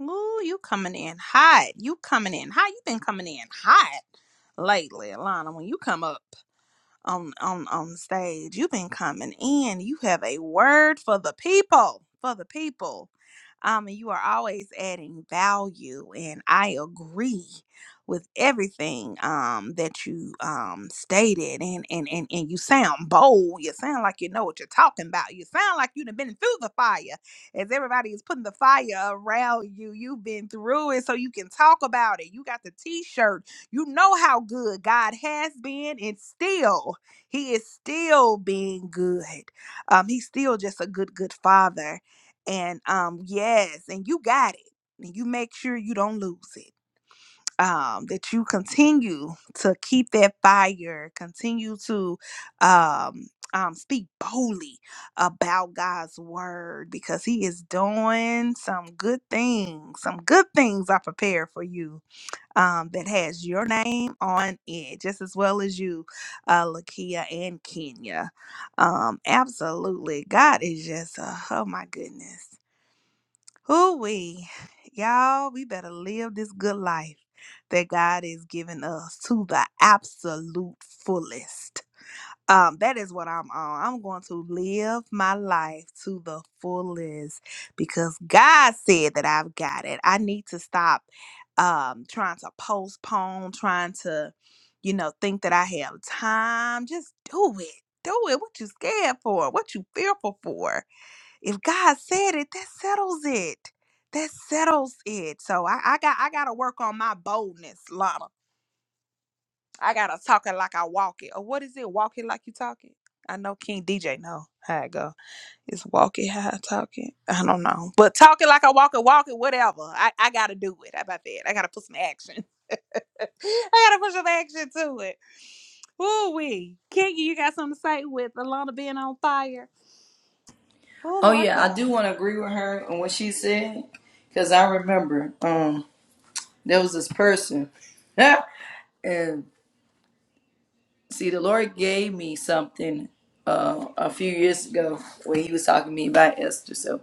Speaker 2: Ooh, you coming in hot. You coming in hot. You been coming in hot lately, Alana. When you come up on on on stage. You've been coming in. You have a word for the people, for the people. Um, and you are always adding value, and I agree with everything um that you um stated. And and and and you sound bold. You sound like you know what you're talking about. You sound like you've been through the fire. As everybody is putting the fire around you, you've been through it, so you can talk about it. You got the T-shirt. You know how good God has been and still he is still being good. Um, he's still just a good, good father. And um, yes, and you got it. And you make sure you don't lose it. Um, that you continue to keep that fire, continue to um um speak boldly about God's word because he is doing some good things. Some good things are prepared for you um, that has your name on it, just as well as you, uh, Lakia and Kenya. Um, absolutely. God is just, uh, oh my goodness. Who we, y'all, we better live this good life that God is giving us to the absolute fullest um that is what i'm on i'm going to live my life to the fullest because god said that i've got it i need to stop um trying to postpone trying to you know think that i have time just do it do it what you scared for what you fearful for if god said it that settles it that settles it so i, I got i gotta work on my boldness lana I gotta talk it like I walk it. Or what is it? Walk it like you talk it. I know King DJ know how it go. It's walk it how I talk it. I don't know. But talk it like I walk it, walk it, whatever. I, I gotta do it. How about that? I gotta put some action. (laughs) I gotta put some action to it. Ooh wee. King, you got something to say with Alana being on fire? Oh
Speaker 1: Oh
Speaker 2: Lord
Speaker 1: yeah, I
Speaker 2: God.
Speaker 1: do want to agree with her on what she said, cause I remember um there was this person. (laughs) and. See, the Lord gave me something uh, a few years ago when He was talking to me about Esther. So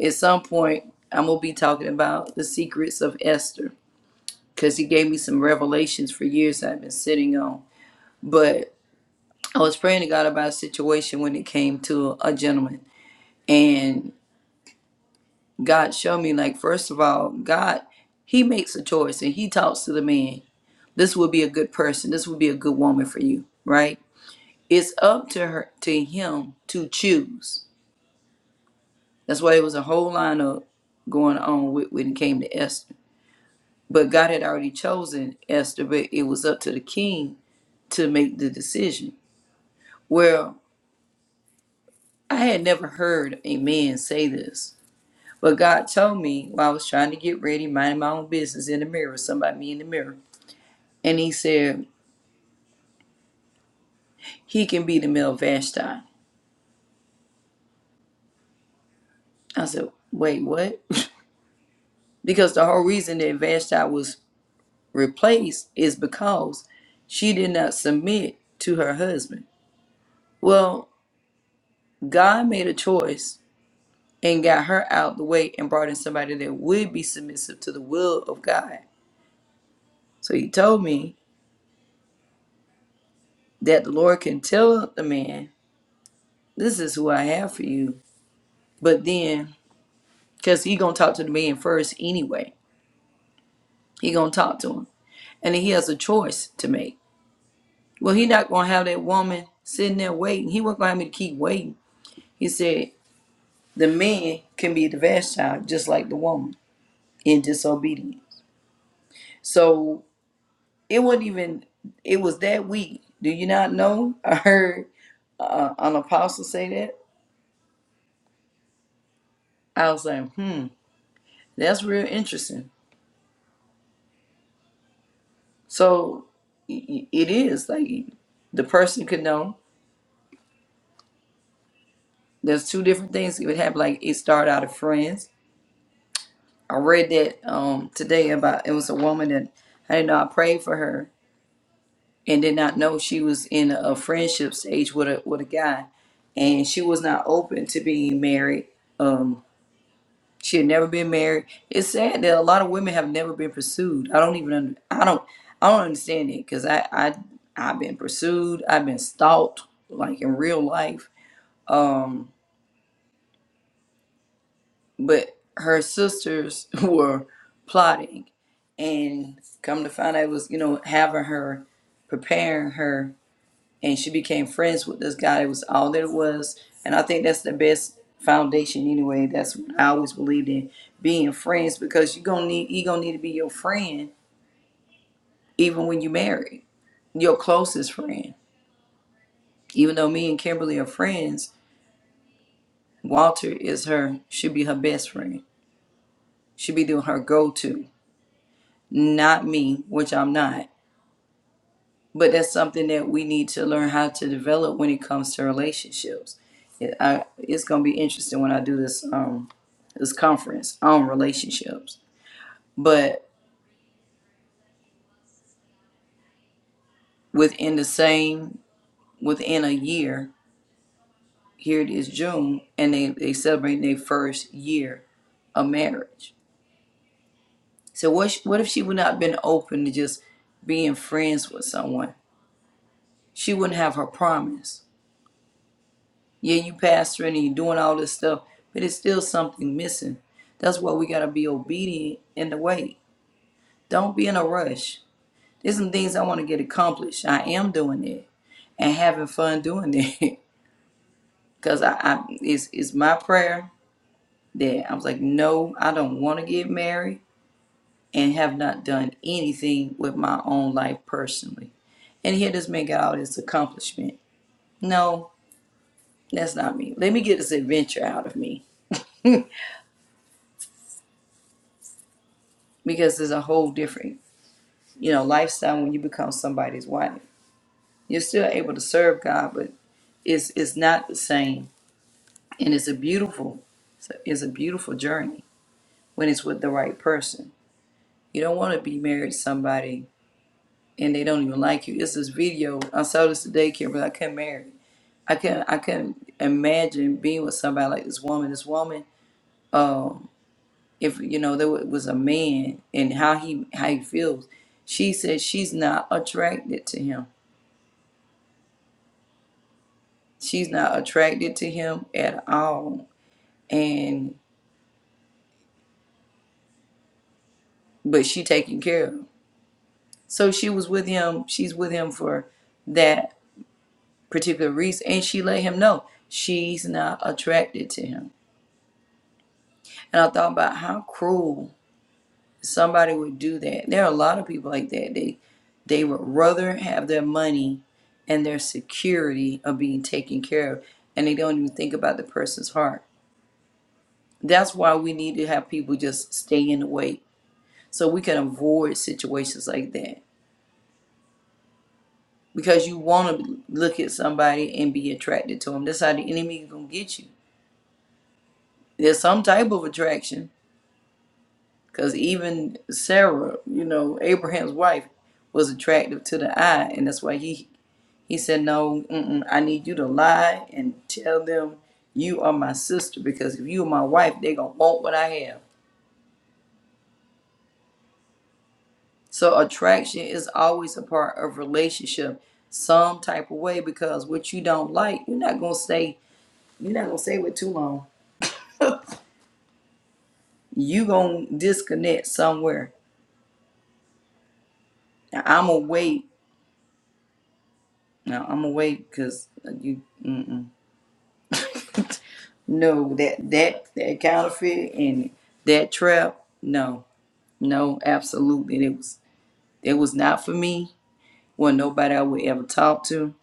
Speaker 1: at some point, I'm going to be talking about the secrets of Esther because He gave me some revelations for years I've been sitting on. But I was praying to God about a situation when it came to a gentleman. And God showed me, like, first of all, God, He makes a choice and He talks to the man. This would be a good person. This would be a good woman for you, right? It's up to her to him to choose. That's why it was a whole lineup going on with, when it came to Esther. But God had already chosen Esther, but it was up to the king to make the decision. Well, I had never heard a man say this. But God told me while I was trying to get ready, minding my own business in the mirror, somebody me in the mirror. And he said, He can be the male Vashti. I said, Wait, what? (laughs) because the whole reason that Vashti was replaced is because she did not submit to her husband. Well, God made a choice and got her out the way and brought in somebody that would be submissive to the will of God. So he told me that the Lord can tell the man, "This is who I have for you." But then, because he gonna talk to the man first anyway, he gonna talk to him, and then he has a choice to make. Well, he not gonna have that woman sitting there waiting. He wasn't gonna have me to keep waiting. He said, The man can be the vast child just like the woman in disobedience. So it wasn't even, it was that week. Do you not know? I heard uh, an apostle say that. I was like, hmm, that's real interesting. So i- i- it is like the person could know. There's two different things It would happen. Like it started out as friends. I read that um, today about it was a woman that I didn't know I prayed for her and did not know she was in a friendship stage with a with a guy, and she was not open to being married. Um, she had never been married. It's sad that a lot of women have never been pursued. I don't even under, I don't I don't understand it because I I I've been pursued. I've been stalked like in real life. Um, but her sisters (laughs) were plotting, and come to find out it was you know having her preparing her. and she became friends with this guy. It was all that it was, and I think that's the best foundation anyway. That's what I always believed in being friends because you are gonna need you gonna need to be your friend even when you marry your closest friend. Even though me and Kimberly are friends, Walter is her should be her best friend. Should be doing her go to, not me, which I'm not. but that's something that we need to learn how to develop when it comes to relationships. It, I, it's gonna be interesting when I do this um this conference on relationships. But within the same within a year, here it is June, and they they celebrate their first year of marriage. So what sh- what if she would not been open to just being friends with someone? She wouldn't have her promise Yeah, you pastoring and you doing all this stuff, but it's still something missing. That's why we gotta be obedient in the way. Don't be in a rush. There's some things I want to get accomplished. I am doing it and having fun doing it. (laughs) Cause I, I it's it's my prayer that I was like, no, I don't want to get married and have not done anything with my own life personally. And here this man got all this accomplishment. No, that's not me. Let me get this adventure out of me (laughs) because there's a whole different you know, lifestyle when you become somebody's wife. You're still able to serve God, but it's it's not the same. And it's a beautiful it's a it's a beautiful journey when it's with the right person. You don't want to be married to somebody and they don't even like you. It's this video I saw this today, Kim, but I couldn't marry. I couldn't I couldn't imagine being with somebody like this woman. This woman, um, if you know there wa- was a man and how he how he feels, she says she's not attracted to him She's not attracted to him at all. And but she taken care of So she was with him, she's with him for that particular reason. And she let him know she's not attracted to him. And I thought about how cruel somebody would do that. There are a lot of people like that. They they would rather have their money and their security of being taken care of. And they don't even think about the person's heart. That's why we need to have people just stay in the way so we can avoid situations like that because you want to look at somebody and be attracted to them that's how the enemy is going to get you there's some type of attraction because even sarah you know abraham's wife was attractive to the eye and that's why he he said no mm-mm, i need you to lie and tell them you are my sister because if you are my wife they're going to want what i have So attraction is always a part of relationship, some type of way, because what you don't like, you're not gonna stay. You're not gonna stay with too long. You gonna disconnect somewhere. Now, I'm gonna wait. No, I'm gonna wait because you. Mm-mm. No, that that that counterfeit and that trap. No, no, absolutely. It was it was not for me. Wasn't nobody I would ever talk to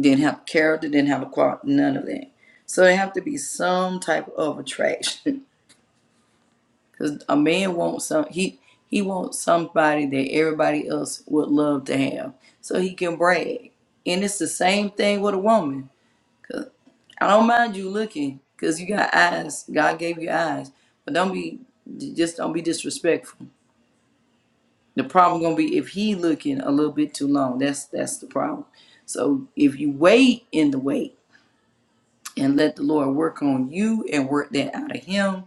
Speaker 1: didn't have character, didn't have a qual, none of that. So there have to be some type of attraction, (laughs) because a man wants some. He he wants somebody that everybody else would love to have, so he can brag. And it's the same thing with a woman. I don't mind you looking, because you got eyes. God gave you eyes, but don't be just don't be disrespectful. The problem gonna be if he looking a little bit too long. That's that's the problem. So if you wait in the wait and let the Lord work on you and work that out of him,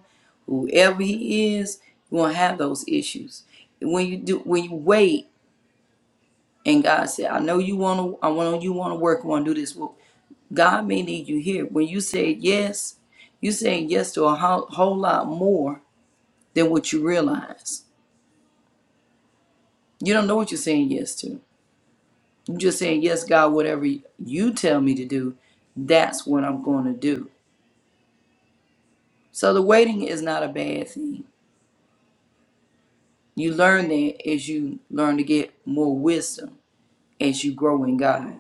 Speaker 1: whoever he is, you won't have those issues. When you do, when you wait, and God said, "I know you want to, I want you want to work, want to do this." Well, God may need you here. When you say yes, you saying yes to a whole, whole lot more than what you realize. You don't know what you're saying yes to. You're just saying yes, God, whatever you tell me to do, that's what I'm going to do. So the waiting is not a bad thing You learn that as you learn to get more wisdom as you grow in God.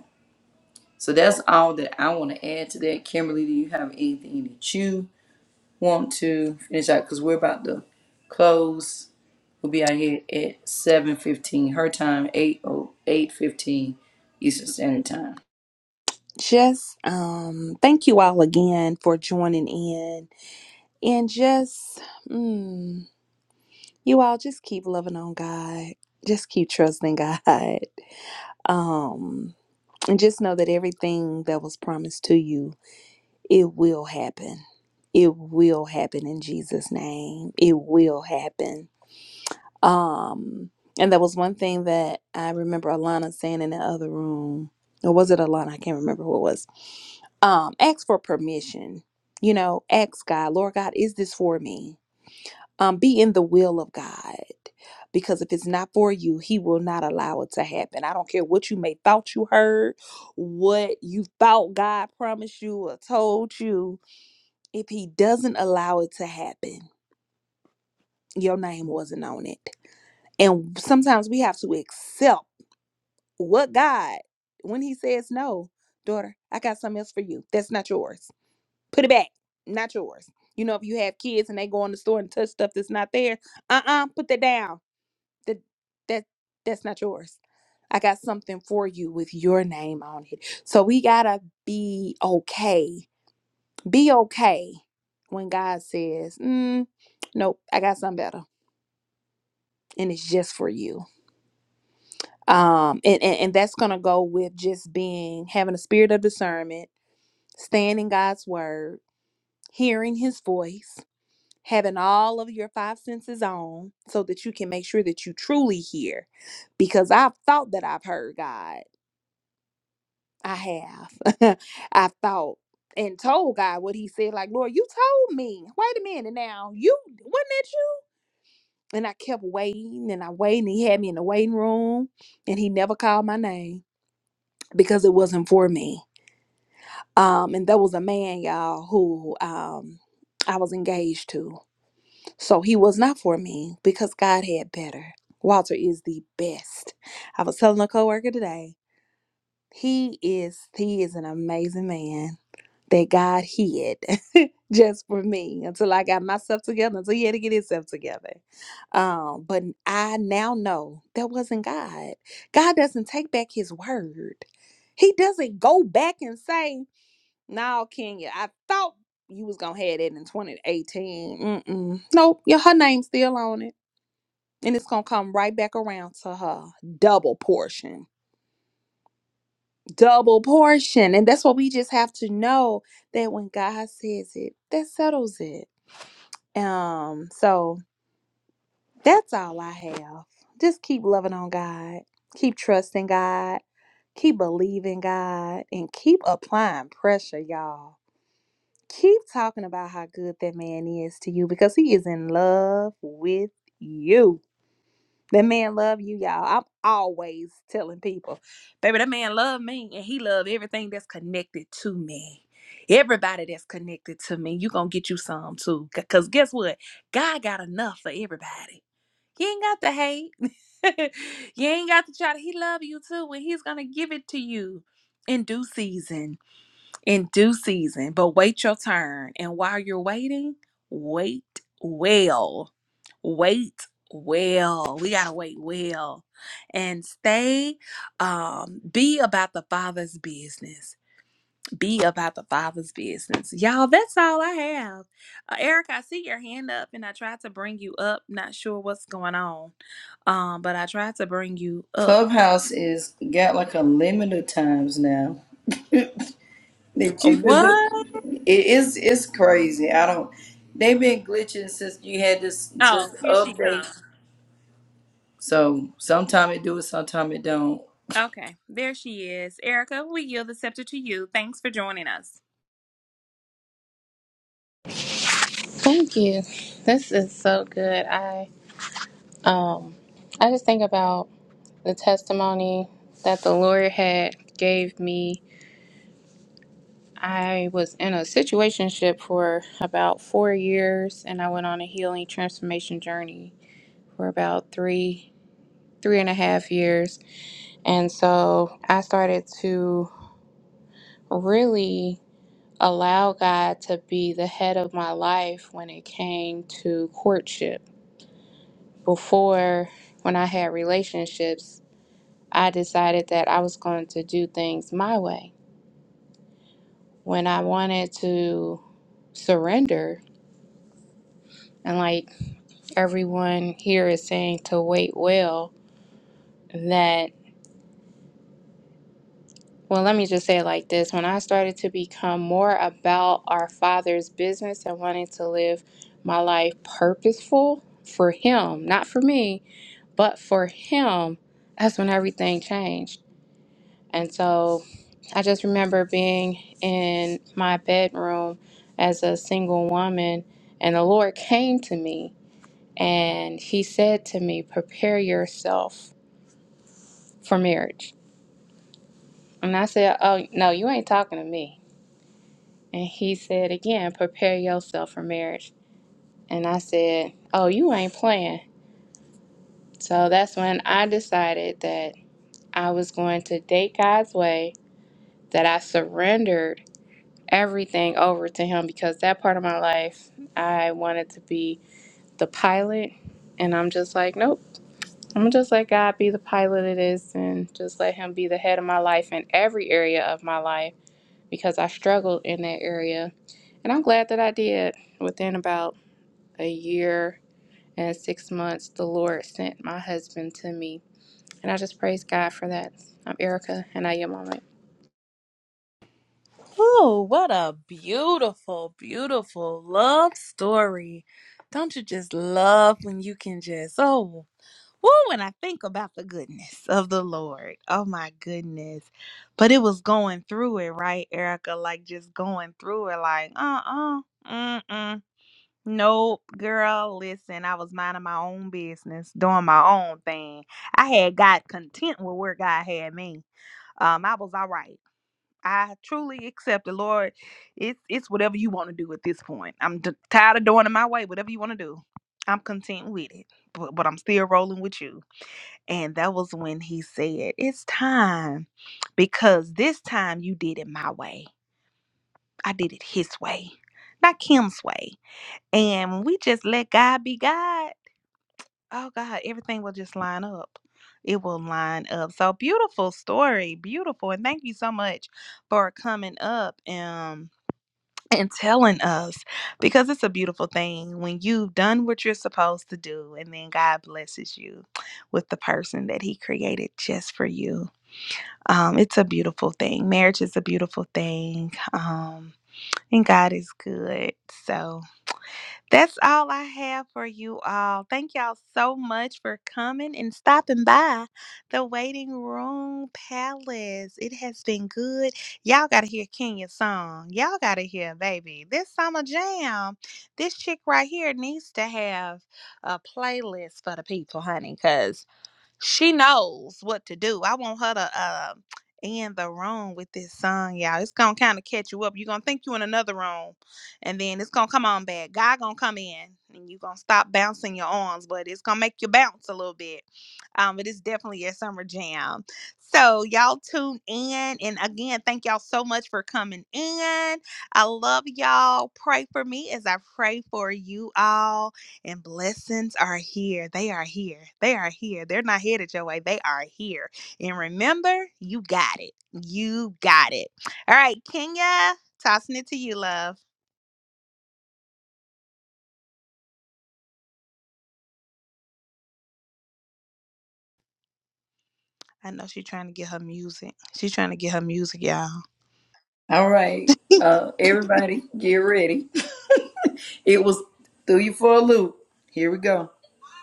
Speaker 1: So that's all that I want to add to that. Kimberly, do you have anything that you want to finish out? Because we're about to close. We'll be out here at 7.15 her time, eight oh eight fifteen Eastern Standard Time.
Speaker 2: Just um, thank you all again for joining in, and just. mm, You all just keep loving on God. Just keep trusting God. (laughs) Um, and just know that everything that was promised to you, it will happen. It will happen in Jesus' name. It will happen. Um, and that was one thing that I remember Alana saying in the other room. Or was it Alana? I can't remember who it was um ask for permission you know ask god lord god is this for me um, be in the will of God. Because if it's not for you, He will not allow it to happen. I don't care what you may thought you heard, what you thought God promised you or told you. If He doesn't allow it to happen, your name wasn't on it. And sometimes we have to accept what God, when He says, No, daughter, I got something else for you. That's not yours. Put it back. Not yours. You know, if you have kids and they go in the store and touch stuff that's not there, uh uh put that down that that that's not yours. I got something for you with your name on it. So we gotta be okay. Be okay when God says, mm, "Nope, I got something better, and it's just for you." Um, and, and and that's gonna go with just being having a spirit of discernment, staying in God's word, hearing His voice, having all of your five senses on, so that you can make sure that you truly hear. Because I've thought that I've heard God I have. (laughs) I thought and told God what he said, like, Lord, you told me. Wait a minute now. You wasn't it you? And I kept waiting and I waited. He had me in the waiting room and he never called my name because it wasn't for me. Um, and there was a man, y'all, who um I was engaged to. So he was not for me because God had better. Walter is the best. I was telling a coworker today, he is he is an amazing man that God hid (laughs) just for me until I got myself together, until he had to get himself together. Um, but I now know that wasn't God. God doesn't take back his word. He doesn't go back and say, No, Kenya, I thought you was gonna have that in 2018. Mm-mm. Nope, yeah, her name's still on it. And it's gonna come right back around to her double portion double portion. And that's what we just have to know that when God says it, that settles it. Um, so that's all I have. Just keep loving on God, keep trusting God, keep believing God, and keep applying pressure, y'all. Keep talking about how good that man is to you because he is in love with you. That man love you, y'all. I'm always telling people, baby, that man love me and he love everything that's connected to me. Everybody that's connected to me, you gonna get you some too. C- Cause guess what? God got enough for everybody. You ain't got to hate. (laughs) you ain't got to try to he love you too, and he's gonna give it to you in due season in due season, but wait your turn. And while you're waiting, wait well. Wait well. We got to wait well. And stay, um, be about the Father's business. Be about the Father's business. Y'all, that's all I have. Uh, Eric, I see your hand up and I tried to bring you up. Not sure what's going on, um, but I tried to bring you up.
Speaker 1: Clubhouse is got like a limit of times now. (laughs) that you could
Speaker 2: What?
Speaker 1: do. It is it's crazy. I don't. They've been glitching since you had this this
Speaker 2: Oh, here she
Speaker 1: update.
Speaker 2: comes.
Speaker 1: So sometime it do it, sometime it don't.
Speaker 2: Okay, there she is. Erica, we yield the scepter to you. Thanks for joining us.
Speaker 5: Thank you. This is so good. I um I just think about the testimony that the lawyer had gave me. I was in a situationship for about 4 years and I went on a healing transformation journey for about three three and a half years. And so I started to really allow God to be the head of my life when it came to courtship before when I had relationships, I decided that I was going to do things my way. When I wanted to surrender, and like everyone here is saying to wait well, that, well, let me just say it like this when I started to become more about our Father's business and wanting to live my life purposeful for Him, not for me, but for Him, that's when everything changed. And so I just remember being in my bedroom as a single woman, and the Lord came to me and He said to me, Prepare yourself for marriage. And I said, Oh, no, you ain't talking to me. And He said again, Prepare yourself for marriage. And I said, Oh, you ain't playing. So that's when I decided that I was going to date God's way, that I surrendered everything over to him because that part of my life I wanted to be the pilot and I'm just like nope I'm just let God be the pilot it is and just let him be the head of my life in every area of my life because I struggled in that area and I'm glad that I did within about a year and 6 months the Lord sent my husband to me and I just praise God for that I'm Erica and I am on my
Speaker 2: Oh, what a beautiful, beautiful love story. Don't you just love when you can just, oh, woo, when I think about the goodness of the Lord. Oh, my goodness. But it was going through it, right, Erica? Like just going through it, like, uh uh-uh, uh mm, mm. Nope, girl. Listen, I was minding my own business, doing my own thing. I had got content with where God had me. Um, I was all right. I truly accepted, Lord. It's it's whatever you want to do at this point. I'm d- tired of doing it my way. Whatever you want to do, I'm content with it. But but I'm still rolling with you. And that was when He said, "It's time, because this time you did it my way. I did it His way, not Kim's way." And when we just let God be God. Oh God, everything will just line up. It will line up. So beautiful story, beautiful, and thank you so much for coming up and and telling us because it's a beautiful thing when you've done what you're supposed to do, and then God blesses you with the person that He created just for you. Um, it's a beautiful thing. Marriage is a beautiful thing, um, and God is good. So. That's all I have for you all. Thank y'all so much for coming and stopping by the Waiting Room Palace. It has been good. Y'all got to hear Kenya's song. Y'all got to hear, baby. This summer jam, this chick right here needs to have a playlist for the people, honey, because she knows what to do. I want her to uh, end the room with this song, y'all. It's gonna kind of catch you up. You're gonna think you in another room, and then it's gonna come on back. God gonna come in, and you gonna stop bouncing your arms, but it's gonna make you bounce a little bit. Um, but it's definitely a summer jam. So y'all tune in, and again, thank y'all so much for coming in. I love y'all. Pray for me as I pray for you all and blessings are here. They are here. They are here. They're not headed your way. They are here. And remember, you got it. You got it. All right, Kenya, tossing it to you, love. I know she's trying to get her music. She's trying to get her music, y'all.
Speaker 1: All right, uh, everybody, get ready. (laughs) It was threw you for a loop. Here we go.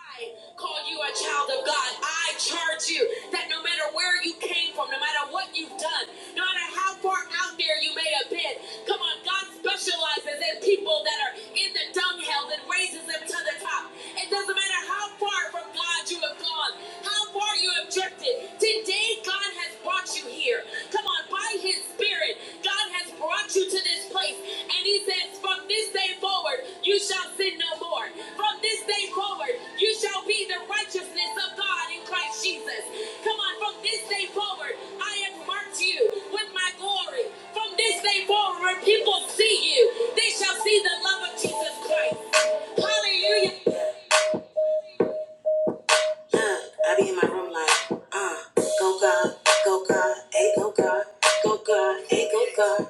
Speaker 1: I call you a child of God. I charge you that no matter where you came from, no matter what you've done, no matter how far out there you may have been, come on, God specializes in people that are in the dunghill and raises them to the top. It doesn't matter how far from God you have gone, how far you have drifted. Today, God has brought you here. Come on, by His Spirit spirit. God has brought you to this place. And he says, from this day forward, you shall sin no more. From this day forward, you shall be the righteousness of God in Christ Jesus. Come on, from this day forward, I have marked you with my glory. From this day forward, when people see you, they shall see the love of Jesus Christ. Hallelujah. Yeah, I be in my room like, uh, go God, go God, hey go God, go God, hey go God.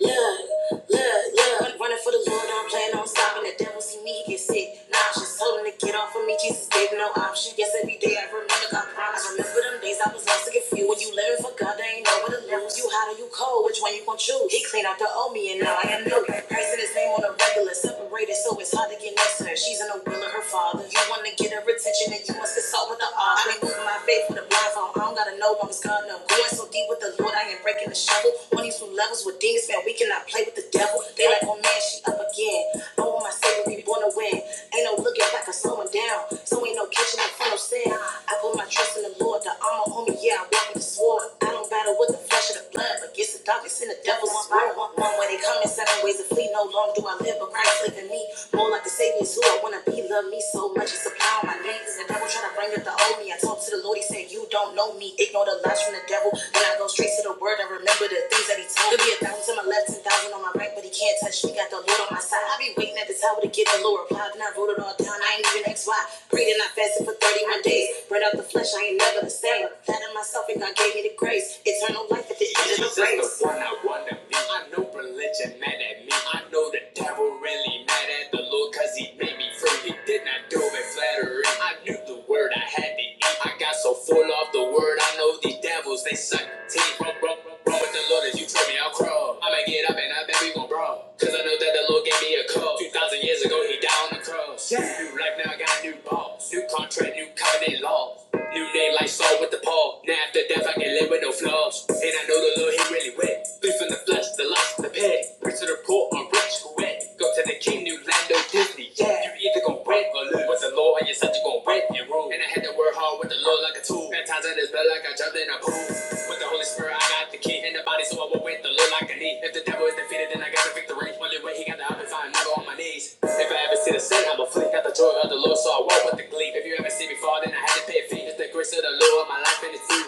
Speaker 1: Look, look, look, run, running for the Lord, I'm playing on stopping. The devil see me, he get sick, nauseous, holding to get off of me. Jesus gave no option. Yes, every day I remember God promise. Remember them days I was lost and confused. When you living for God, they ain't know what to lose. You hot or you cold, which one you gon' choose? He cleaned out the old me, and now I am new. Praising his name on a regular, separated, so it's hard to get next to her. She's in the will of her father. You wanna get her attention, and you must consult salt with the arm. I be moving my faith with the blinds on. I don't gotta know I'm gonna. i going so deep with the Lord, I ain't breaking the shovel. On these new levels with demons, man, we cannot play with the devil. They like, oh man, she up again. I want my savior, we born to win. Ain't no looking back or slowing down. So ain't no catching up front no sin. I put my trust in the Lord, the armor on me, yeah, I walk with the sword. I don't battle with the flesh and the blood, but against the darkness and the devil's sword. One way they come in seven ways to flee, no longer long do I live, but Christ live in me. More like the Savior's who I wanna be. Love me so much, it's a all my needs. The devil tryna bring up the old me. I talk to the Lord, he said, You don't know me. Ignore the lies from the devil. Then I go straight to the word and remember the things that he told. There'll be a thousand on my left, ten thousand on my right, but he can't touch me. Got the Lord on my side. I be waiting at the tower to get the Lord reply. Then I wrote it all down. I ain't even XY. Prayed and I fasted for 31 days. Burned out the flesh, I ain't never the same. Flattered myself and God gave God gave me the grace. Eternal life at the end of the Jesus race. Jesus Is the one I wanna be. I know religion mad at me. I know the devil really mad at the Lord cause he made me free. He did not do it flattery. I knew the word I had to eat. I got so full of the word. I know these devils, they suck teeth. Bro, bro, bro, bro, with the Lord, if you trip me, I'll crawl. I'ma get up and I bet we gon' brawl. Cause I know that the Lord gave me a call. 2,000 years ago, he died on the cross. Yeah. New life now, I got a new boss. New contract, new covenant laws. New name like Saul with the Paul. Now after death, I can live with no flaws. And I know the Lord, He really wet. Free from the flesh, the lust, the pit. Rich to the poor, I'm rich, who wet? Go to the king, new land, no Disney. Yeah, you either gon' win or lose. With the Lord, and your son, you gon' win and rule. And I had to work hard with the Lord like a tool. Baptized in His blood like I jumped in then I boom. With the Holy Spirit, I got the key in the body, so I walk with the Lord like a knee. If the devil is defeated, then I got the victory. Only way he got the option, I'm never on my knees. If I ever see the sin, I'ma flee. Got the joy of the Lord, so I walk with the glee. If you ever see me fall, then I had to pay a fee. It's the grace of the Lord, my life and it's free.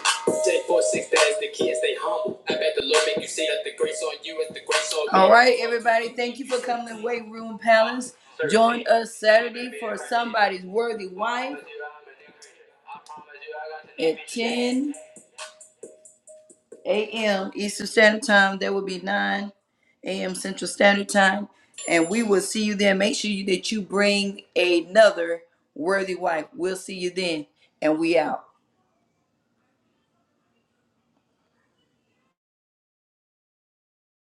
Speaker 1: J four six, that is the key, and stay humble. I bet the Lord make you see that the grace on you is the grace on me. All right, everybody, thank you for coming to Weight Room Palace. Join us Saturday for somebody's worthy wife at 10 a.m. Eastern Standard Time. That would be 9 a.m. Central Standard Time. And we will see you then. Make sure you, that you bring another worthy wife. We'll see you then. And we out.